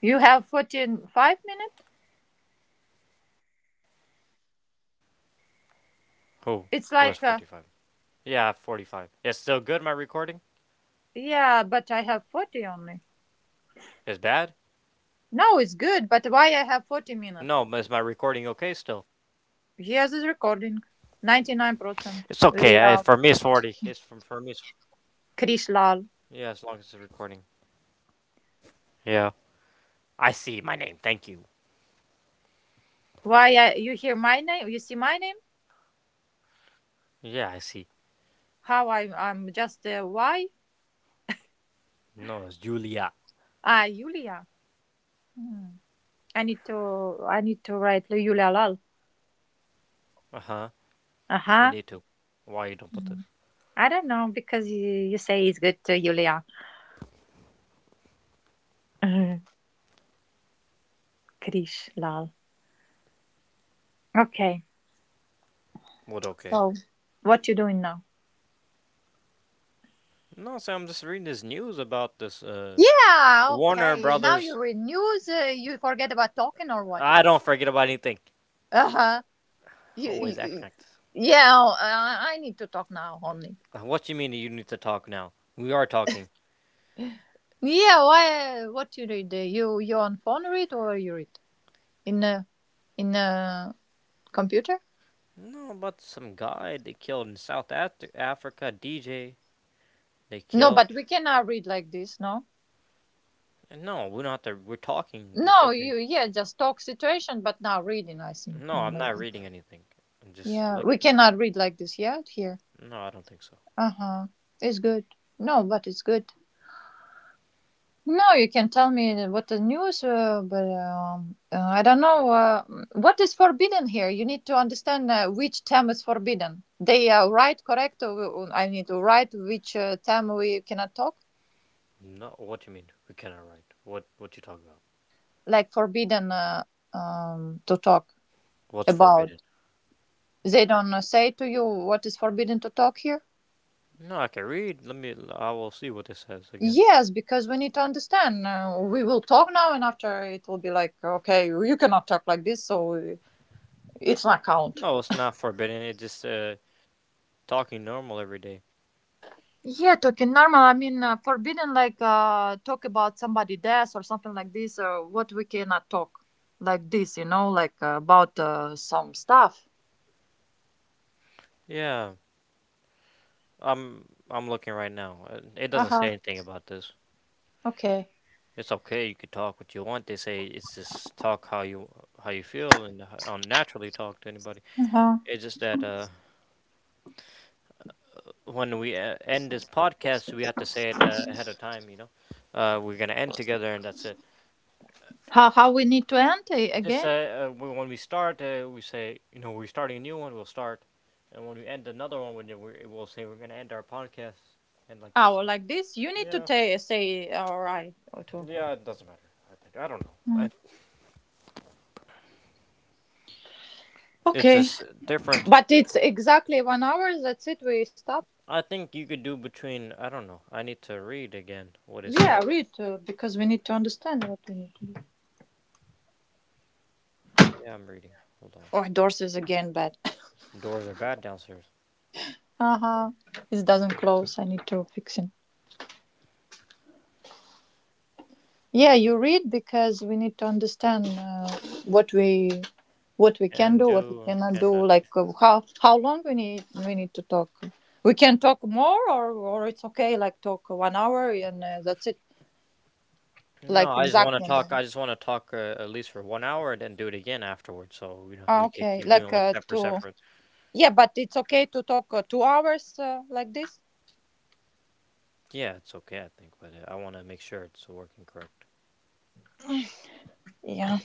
[SPEAKER 3] You have 40 in 5 minutes?
[SPEAKER 1] Who? Who has 45?
[SPEAKER 3] It's like,
[SPEAKER 1] Yeah, 45. It's still good, my recording?
[SPEAKER 3] yeah, but I have 40 only.
[SPEAKER 1] It's bad?
[SPEAKER 3] No, it's good, but why I have 40
[SPEAKER 1] No, but
[SPEAKER 3] minutes?
[SPEAKER 1] is my recording okay still?
[SPEAKER 3] Here is it's recording. 99%.
[SPEAKER 1] It's okay.
[SPEAKER 3] Leal.
[SPEAKER 1] For me, it's 40. For me, it's,
[SPEAKER 3] Krish Lal.
[SPEAKER 1] yeah, as long as it's recording. Yeah. I see my name. Thank you.
[SPEAKER 3] Why I, you hear my name? You see my name?
[SPEAKER 1] Yeah, I see.
[SPEAKER 3] How I, why?
[SPEAKER 1] No, it's Julia.
[SPEAKER 3] Ah, Yulia. Hmm. I need to write Yulia Lal.
[SPEAKER 1] Uh huh. You
[SPEAKER 3] Uh-huh.
[SPEAKER 1] need to. Why you don't put this?
[SPEAKER 3] Hmm. I don't know, because you say it's good to Yulia. Krish Lal. Okay,
[SPEAKER 1] What okay?
[SPEAKER 3] so what you doing now?
[SPEAKER 1] No, so I'm just reading this news about this
[SPEAKER 3] Yeah,
[SPEAKER 1] Warner
[SPEAKER 3] okay. Now
[SPEAKER 1] Brothers.
[SPEAKER 3] you're in news. You forget about talking or what?
[SPEAKER 1] I don't forget about anything.
[SPEAKER 3] Uh huh. You,
[SPEAKER 1] Always act
[SPEAKER 3] you,
[SPEAKER 1] like this.
[SPEAKER 3] yeah, I need to talk now only.
[SPEAKER 1] What you mean you need to talk now? We are talking.
[SPEAKER 3] Yeah, why? What you read? You you on phone read or you read in a in a computer?
[SPEAKER 1] No, about some guy they killed in South Africa, DJ they
[SPEAKER 3] No,
[SPEAKER 1] killed.
[SPEAKER 3] but we cannot read like this. No.
[SPEAKER 1] And no, we don't have to. We're talking. It's
[SPEAKER 3] No,
[SPEAKER 1] okay.
[SPEAKER 3] you yeah, just talk situation, but now reading. I think
[SPEAKER 1] No, I'm not
[SPEAKER 3] maybe.
[SPEAKER 1] reading anything. I'm just
[SPEAKER 3] Yeah, we
[SPEAKER 1] looking.
[SPEAKER 3] cannot read like this yet here.
[SPEAKER 1] No, I don't think so.
[SPEAKER 3] Uh huh. It's good. No, but it's good. No, you can tell me what the news, but I don't know mm, what is forbidden here. You need to understand which term is forbidden. They are right, correct? Or I need to write which term we cannot talk,
[SPEAKER 1] No, what you mean? We cannot write. What you talking about?
[SPEAKER 3] like forbidden to talk
[SPEAKER 1] What's
[SPEAKER 3] about.
[SPEAKER 1] forbidden?
[SPEAKER 3] They don't say to you what is forbidden to talk here.
[SPEAKER 1] No, I can read. Let me. I will see what this says again.
[SPEAKER 3] Yes, because we need to understand. We will talk now, and after it will be like, okay, you cannot talk like this, so it's not count.
[SPEAKER 1] No, it's not forbidden. It's just talking normal every day.
[SPEAKER 3] Yeah, talking normal. I mean, forbidden like talk about somebody death or something like this, or what we cannot talk like this, you know, like about some stuff.
[SPEAKER 1] Yeah, I'm looking right now. It
[SPEAKER 3] Uh
[SPEAKER 1] doesn't
[SPEAKER 3] huh.
[SPEAKER 1] say anything about this.
[SPEAKER 3] Okay.
[SPEAKER 1] It's okay. You can talk what you want. They say it's just talk how you feel and naturally talk to anybody.
[SPEAKER 3] Uh huh.
[SPEAKER 1] It's just that when we end this podcast, we have to say it ahead of time. You know, we're gonna end together, and that's it.
[SPEAKER 3] How we need to end eh,
[SPEAKER 1] Just
[SPEAKER 3] again?
[SPEAKER 1] say when we start, we say you know we're starting a new one. We'll start, and when we end another one, when we'll say we're gonna end our podcast and like
[SPEAKER 3] Oh,
[SPEAKER 1] this.
[SPEAKER 3] like this. You need to
[SPEAKER 1] Yeah,
[SPEAKER 3] ta say all right or two.
[SPEAKER 1] yeah, it doesn't matter. I think I don't know.
[SPEAKER 3] Mm.
[SPEAKER 1] I, it's
[SPEAKER 3] Okay,
[SPEAKER 1] just different.
[SPEAKER 3] but it's exactly 1 hour. That's it. We stop.
[SPEAKER 1] I think you could do between. I don't know. I need to read again what it
[SPEAKER 3] Yeah,
[SPEAKER 1] says.
[SPEAKER 3] read because we need to understand what we need to do.
[SPEAKER 1] Yeah, I'm reading. Hold on.
[SPEAKER 3] Oh, doors is again bad.
[SPEAKER 1] Doors are bad downstairs.
[SPEAKER 3] Uh huh. It doesn't close. I need to fix it. Yeah, you read because we need to understand what we what we can
[SPEAKER 1] Can
[SPEAKER 3] do, what we
[SPEAKER 1] do.
[SPEAKER 3] cannot
[SPEAKER 1] Can
[SPEAKER 3] do.
[SPEAKER 1] not do.
[SPEAKER 3] Like how long we need to talk. We can talk more, or it's okay. Like talk 1 hour and that's it.
[SPEAKER 1] No,
[SPEAKER 3] Like
[SPEAKER 1] I just want
[SPEAKER 3] exact
[SPEAKER 1] to
[SPEAKER 3] 1 hour.
[SPEAKER 1] talk. I just want to talk at least for 1 hour and then do it again afterwards. So you know we
[SPEAKER 3] Ah,
[SPEAKER 1] can
[SPEAKER 3] okay,
[SPEAKER 1] keep doing
[SPEAKER 3] like
[SPEAKER 1] like separate,
[SPEAKER 3] two.
[SPEAKER 1] separate.
[SPEAKER 3] Yeah, but it's okay to talk 2 hours like this.
[SPEAKER 1] Yeah, it's okay, I think, but I want to make sure it's working correct.
[SPEAKER 3] Yeah,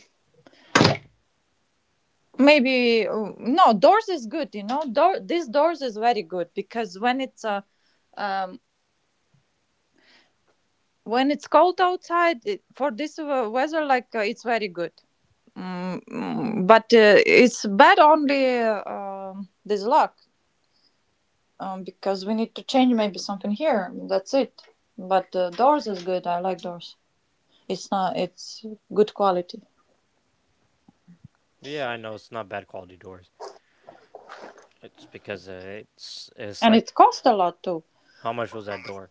[SPEAKER 3] maybe no. Doors is good, you know. Door this doors is very good because um when it's cold outside it, for this weather like it's very good but it's bad only this lock because we need to change maybe something here. That's it, but doors is good. I like doors. It's not it's good quality,
[SPEAKER 1] Yeah, I know it's not bad quality doors. It's because it's
[SPEAKER 3] and
[SPEAKER 1] like
[SPEAKER 3] it costs a lot too.
[SPEAKER 1] how much was that door?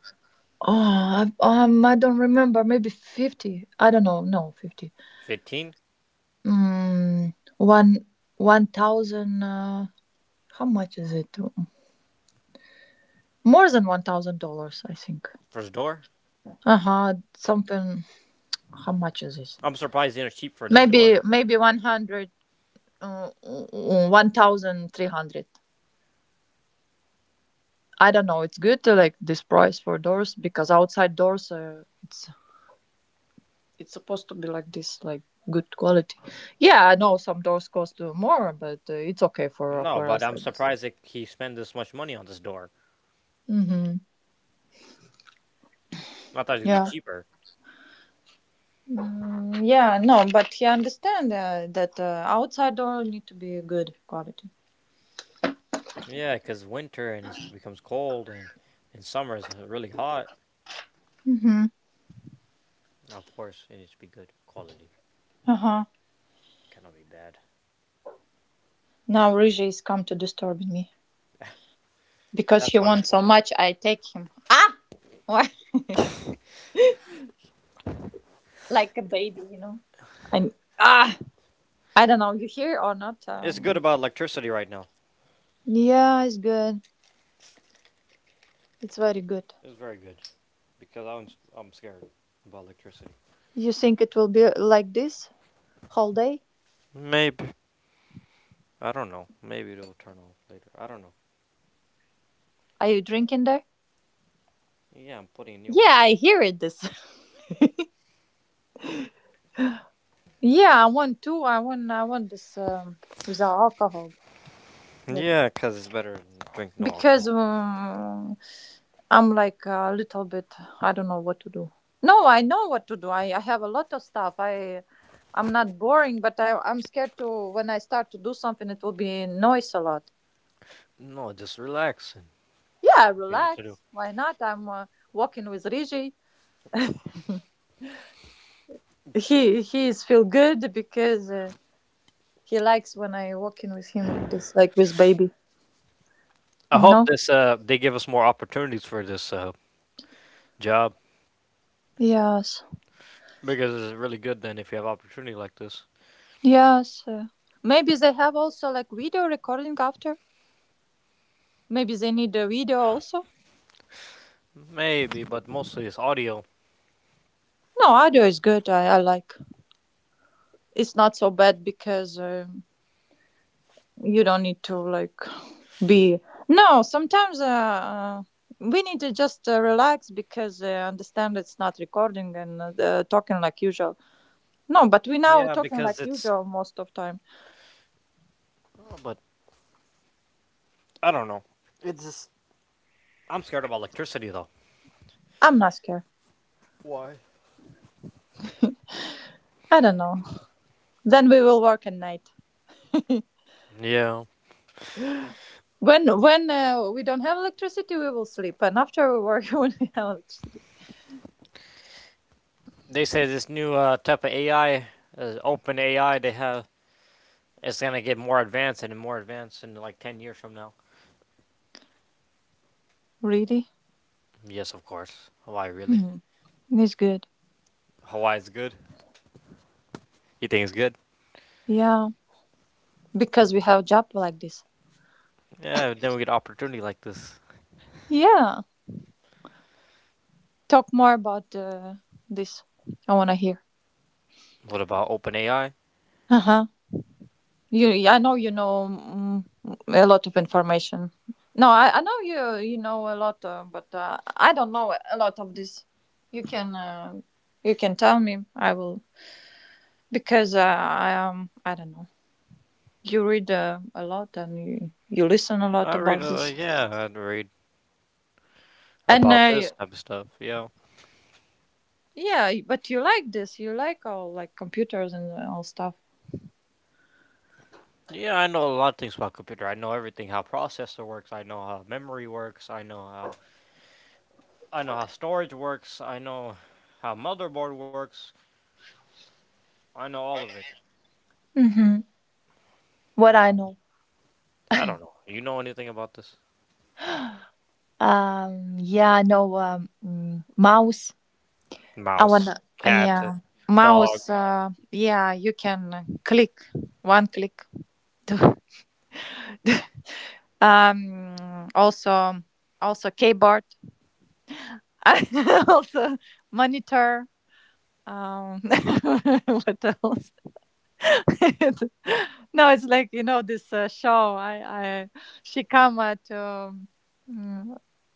[SPEAKER 3] Oh, I don't remember. Maybe 50. I don't know. No, 50.
[SPEAKER 1] Fifteen
[SPEAKER 3] Mm, one one thousand. How much is it? More than $1,000, I think.
[SPEAKER 1] for his door?
[SPEAKER 3] Uh huh. Something. How much is this?
[SPEAKER 1] I'm surprised they are cheap for this door.
[SPEAKER 3] Maybe 100. Uh, 1,300. I don't know. It's good to like this price for doors because outside doors, it's supposed to be like this, like good quality. Yeah, I know some doors cost more, but it's okay
[SPEAKER 1] No,
[SPEAKER 3] for
[SPEAKER 1] but
[SPEAKER 3] us
[SPEAKER 1] I'm
[SPEAKER 3] like this.
[SPEAKER 1] surprised that he spent this much money on this door.
[SPEAKER 3] Mm-hmm.
[SPEAKER 1] I thought it would be
[SPEAKER 3] Yeah.
[SPEAKER 1] cheaper.
[SPEAKER 3] Mm, yeah, no, but he understand that outside door need to be good quality.
[SPEAKER 1] Yeah, because winter and it becomes cold, and in summer it's really hot.
[SPEAKER 3] Mm-hmm.
[SPEAKER 1] Of course, it needs to be good quality.
[SPEAKER 3] Uh huh.
[SPEAKER 1] Cannot be bad.
[SPEAKER 3] Now Rija is come to disturbing me because he
[SPEAKER 1] That's
[SPEAKER 3] wants
[SPEAKER 1] wonderful.
[SPEAKER 3] so much. I take him. Ah, why? Like a baby, you know. And ah, I don't know. You hear or not?
[SPEAKER 1] It's good about electricity right now.
[SPEAKER 3] Yeah, it's good. It's very good.
[SPEAKER 1] It's very good. Because I'm scared about electricity.
[SPEAKER 3] You think it will be like this whole day?
[SPEAKER 1] Maybe. I don't know. Maybe it'll turn off later. I don't know.
[SPEAKER 3] Are you drinking there?
[SPEAKER 1] Yeah, I'm putting a new one.
[SPEAKER 3] Yeah, I hear it. This. Yeah, I want too. I want. I want this without alcohol. What?
[SPEAKER 1] Yeah, cause it's better than drink no
[SPEAKER 3] Because
[SPEAKER 1] alcohol.
[SPEAKER 3] I'm like a little bit. I don't know what to do. No, I know what to do. I have a lot of stuff. I'm not boring, but I'm scared to when I start to do something, it will be noise a lot.
[SPEAKER 1] No, just relax and
[SPEAKER 3] Yeah,
[SPEAKER 1] what you need to do.
[SPEAKER 3] relax. Why not? I'm walking with Riji. He is feel good because he likes when I walking with him like this, like with baby.
[SPEAKER 1] I hope
[SPEAKER 3] No.
[SPEAKER 1] this they give us more opportunities for this job.
[SPEAKER 3] Yes.
[SPEAKER 1] Because it's really good then if you have opportunity like this.
[SPEAKER 3] Yes. Maybe they have also like video recording after. Maybe they need a video also.
[SPEAKER 1] Maybe, but mostly it's audio.
[SPEAKER 3] No, audio is good. I like. It's not so bad because you don't need to like be. No, sometimes we need to just relax because I understand it's not recording and the talking like usual. No, but we now
[SPEAKER 1] Yeah,
[SPEAKER 3] talking like
[SPEAKER 1] because it's
[SPEAKER 3] usual most of time.
[SPEAKER 1] Oh, but I don't know. It's just I'm scared about electricity though.
[SPEAKER 3] I'm not scared.
[SPEAKER 1] Why?
[SPEAKER 3] I don't know. Then we will work at night.
[SPEAKER 1] Yeah,
[SPEAKER 3] When we don't have electricity, we will sleep, and after we work when we have electricity.
[SPEAKER 1] they say this new type of AI, open AI, they have it's gonna get more advanced and more advanced in like 10 years from now.
[SPEAKER 3] Really?
[SPEAKER 1] Yes, of course. Hawaii really?
[SPEAKER 3] Hmm. It's good.
[SPEAKER 1] Hawaii's good. You think it's good?
[SPEAKER 3] Yeah, because we have job like this.
[SPEAKER 1] Yeah. Then we get an opportunity like this.
[SPEAKER 3] Yeah, talk more about this. I want to hear.
[SPEAKER 1] What about open AI?
[SPEAKER 3] Uh huh. You, I know you know a lot of information. No, I know you you know a lot, but I don't know a lot of this. You can uh, you can tell me. I will because I don't know. You read a lot and you listen a lot
[SPEAKER 1] I read.
[SPEAKER 3] about this.
[SPEAKER 1] Yeah, I'd read
[SPEAKER 3] And
[SPEAKER 1] about this type of stuff. Yeah.
[SPEAKER 3] yeah, but you like this. You like all like computers and all stuff.
[SPEAKER 1] Yeah, I know a lot of things about computer. I know everything how processor works. I know how memory works. I know how storage works. I know how motherboard works. I know all of it. You
[SPEAKER 3] What
[SPEAKER 1] know.
[SPEAKER 3] I know.
[SPEAKER 1] I don't know. You know anything about this?
[SPEAKER 3] Yeah, no, mouse. I
[SPEAKER 1] Mouse,
[SPEAKER 3] wanna,
[SPEAKER 1] cat,
[SPEAKER 3] yeah,
[SPEAKER 1] dog.
[SPEAKER 3] mouse. Yeah, you can click one click. to- to- also, also keyboard. Also monitor. Um, what else? No, it's like you know this show. She come at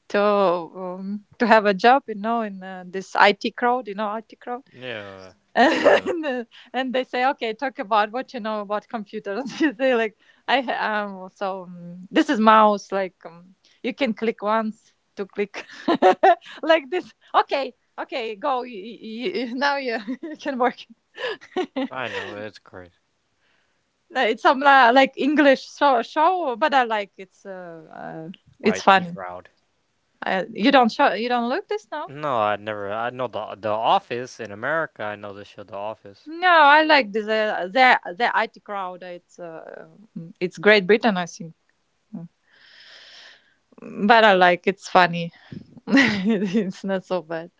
[SPEAKER 3] to have a job, you know, in this IT crowd, you know, IT crowd,
[SPEAKER 1] Yeah, to show you like
[SPEAKER 3] and, uh, and they say, okay, talk about what you know about computers. You say like, I ha- so this is mouse, you can click once to click like this. Okay, okay, go. Now you you can work.
[SPEAKER 1] I know it's crazy.
[SPEAKER 3] Like, it's some like English show, but I like it's
[SPEAKER 1] IT
[SPEAKER 3] funny.
[SPEAKER 1] crowd.
[SPEAKER 3] You don't show, you don't look this now.
[SPEAKER 1] No, I never. I know the Office in America. I know this show, The Office.
[SPEAKER 3] No, I like the IT crowd. It's it's Great Britain, I think. Mm. But I like it's funny. It's not so bad.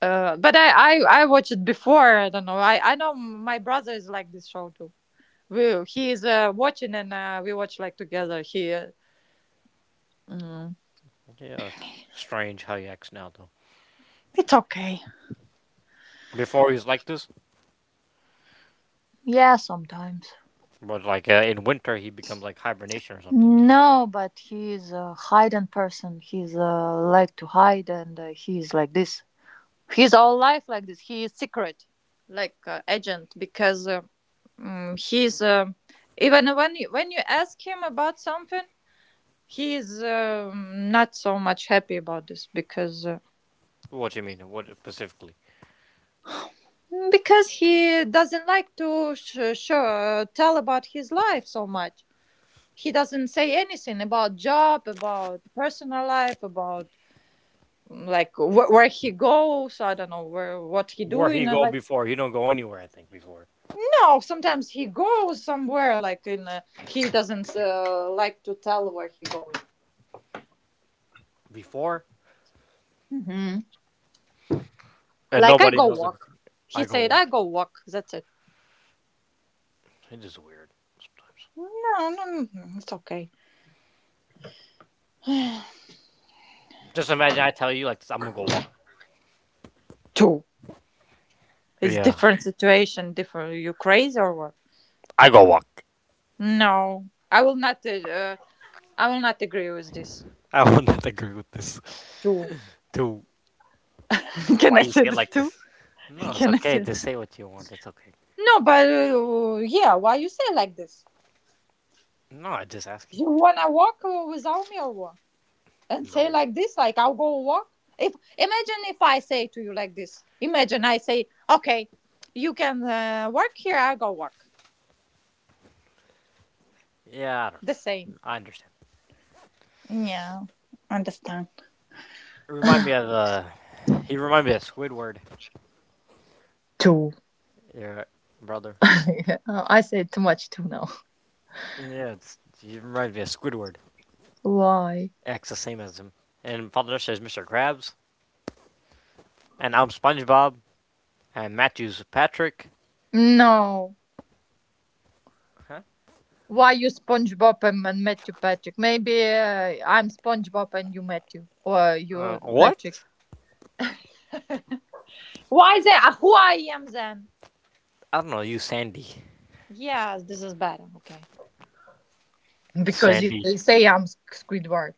[SPEAKER 3] Uh, but I, I watched it before. I don't know. I know my brother is like this show too. We He is watching and we watch like together. Mm,
[SPEAKER 1] Yeah, it's strange how he acts now though.
[SPEAKER 3] it's okay.
[SPEAKER 1] Before he was like this,
[SPEAKER 3] Yeah, sometimes.
[SPEAKER 1] but like in winter he becomes like hibernation or something.
[SPEAKER 3] No, but he's a hidden person. He's like to hide, and he's like this. His whole life like this. He is secret, like agent, because he's even when you ask him about something, he's not so much happy about this because
[SPEAKER 1] What do you mean? What specifically?
[SPEAKER 3] because he doesn't like to tell about his life so much. He doesn't say anything about job, about personal life, about like where he goes. I don't know where what he
[SPEAKER 1] Where
[SPEAKER 3] doing.
[SPEAKER 1] he go
[SPEAKER 3] Like
[SPEAKER 1] before? He don't go anywhere. I think before.
[SPEAKER 3] no, sometimes he goes somewhere, like in he doesn't like to tell where he going.
[SPEAKER 1] Before
[SPEAKER 3] hmm
[SPEAKER 1] and
[SPEAKER 3] Like I
[SPEAKER 1] nobody
[SPEAKER 3] go
[SPEAKER 1] knows
[SPEAKER 3] walk.
[SPEAKER 1] anything.
[SPEAKER 3] He
[SPEAKER 1] I go
[SPEAKER 3] said
[SPEAKER 1] walk.
[SPEAKER 3] I go walk. That's it.
[SPEAKER 1] It is weird sometimes.
[SPEAKER 3] No, no, no, no, no, it's okay.
[SPEAKER 1] Just imagine I tell you like this. I'm gonna go walk.
[SPEAKER 3] Two. It's
[SPEAKER 1] Yeah,
[SPEAKER 3] different situation. Different. You crazy or what?
[SPEAKER 1] I go walk.
[SPEAKER 3] No, I will not. I will not agree with this.
[SPEAKER 1] I would not agree with this.
[SPEAKER 3] Two.
[SPEAKER 1] To
[SPEAKER 3] Can
[SPEAKER 1] why
[SPEAKER 3] I
[SPEAKER 1] you
[SPEAKER 3] say
[SPEAKER 1] say it
[SPEAKER 3] this
[SPEAKER 1] like
[SPEAKER 3] too?
[SPEAKER 1] this? No, it's
[SPEAKER 3] Can I
[SPEAKER 1] okay.
[SPEAKER 3] say?
[SPEAKER 1] Just say what you want. It's okay.
[SPEAKER 3] No, but yeah. Why you say like this?
[SPEAKER 1] No, I just asking.
[SPEAKER 3] You wanna walk without me or what? And say
[SPEAKER 1] No.
[SPEAKER 3] like this, like, I'll go walk. If imagine, if I say to you like this, imagine I say, okay, you can work here, I will go work
[SPEAKER 1] Yeah, I don't
[SPEAKER 3] the same.
[SPEAKER 1] know. I understand.
[SPEAKER 3] Yeah, understand.
[SPEAKER 1] It Remind me of He remind me of Squidward. Yeah, brother.
[SPEAKER 3] Oh, I say too much too now.
[SPEAKER 1] Yeah, it's, he reminds me of Squidward.
[SPEAKER 3] Why?
[SPEAKER 1] Acts the same as him. And Father says Mr. Krabs. And I'm SpongeBob. And Matthew's Patrick.
[SPEAKER 3] No.
[SPEAKER 1] Huh?
[SPEAKER 3] Why you SpongeBob and, Matthew Patrick? Maybe I'm SpongeBob and you Matthew, or you Patrick,
[SPEAKER 1] What?
[SPEAKER 3] why they who I am then?
[SPEAKER 1] I don't know. You Sandy.
[SPEAKER 3] Yes, this is better. Okay, because you
[SPEAKER 1] Sandy.
[SPEAKER 3] say I'm Squidward.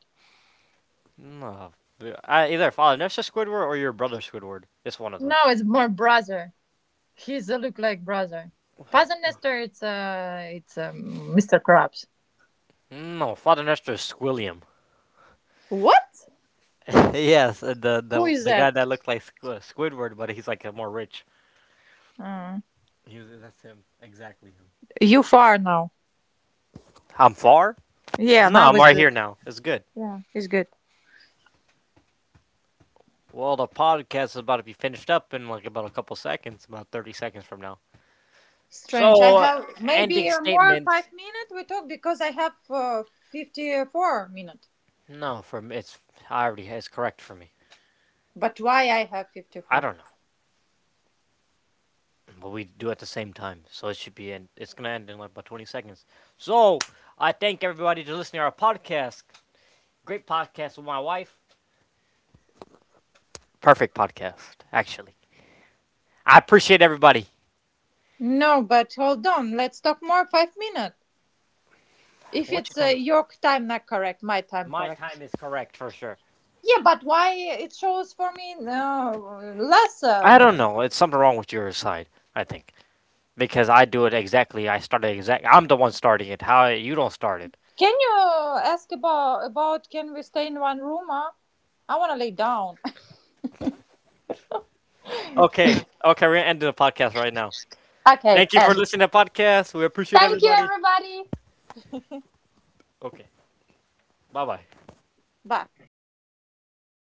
[SPEAKER 1] No. I either Father Nestor Squidward or your brother Squidward. It's one of
[SPEAKER 3] No,
[SPEAKER 1] them.
[SPEAKER 3] it's more brother. He's a look-like brother. Father Nestor, it's Mr. Krabs.
[SPEAKER 1] No, Father Nestor is Squilliam.
[SPEAKER 3] What?
[SPEAKER 1] Yes,
[SPEAKER 3] Who is
[SPEAKER 1] the guy
[SPEAKER 3] that?
[SPEAKER 1] that looks like Squidward, but he's like more rich.
[SPEAKER 3] Uh,
[SPEAKER 1] He was. That's him, exactly him.
[SPEAKER 3] you far now.
[SPEAKER 1] I'm far?
[SPEAKER 3] Yeah,
[SPEAKER 1] No,
[SPEAKER 3] now
[SPEAKER 1] I'm
[SPEAKER 3] it's
[SPEAKER 1] right
[SPEAKER 3] good.
[SPEAKER 1] here now. It's good.
[SPEAKER 3] Yeah, it's good.
[SPEAKER 1] Well, the podcast is about to be finished up in like about a couple seconds, about 30 seconds from now.
[SPEAKER 3] Strange. I
[SPEAKER 1] So,
[SPEAKER 3] have
[SPEAKER 1] ending
[SPEAKER 3] maybe more
[SPEAKER 1] statement.
[SPEAKER 3] 5 minutes we talk because I have 54 minutes.
[SPEAKER 1] No, from it's I already it's correct for me.
[SPEAKER 3] But why I have
[SPEAKER 1] I
[SPEAKER 3] 54?
[SPEAKER 1] don't know. But we do at the same time. So it should be end. It's gonna end in like about 20 seconds. So I thank everybody to listening to our podcast. Great podcast with my wife. Perfect podcast, actually. I appreciate everybody.
[SPEAKER 3] No, but hold on. Let's talk more 5 minutes. If
[SPEAKER 1] What you
[SPEAKER 3] it's
[SPEAKER 1] talking? About?
[SPEAKER 3] your time not correct, my time
[SPEAKER 1] My
[SPEAKER 3] correct.
[SPEAKER 1] time is correct for sure.
[SPEAKER 3] Yeah, but why it shows for me less
[SPEAKER 1] I don't
[SPEAKER 3] minute?
[SPEAKER 1] know. It's something wrong with your side. I think because I do it exactly. I started exact. I'm the one starting it. How you don't start it?
[SPEAKER 3] Can you ask about can we stay in one room? Huh? I want to lay down.
[SPEAKER 1] Okay. Okay. We're ending the podcast right now.
[SPEAKER 3] Okay,
[SPEAKER 1] Thank you for
[SPEAKER 3] and
[SPEAKER 1] listening to the podcast. We appreciate
[SPEAKER 3] thank you,
[SPEAKER 1] everybody.
[SPEAKER 3] everybody.
[SPEAKER 1] Okay. Bye bye.
[SPEAKER 3] Bye.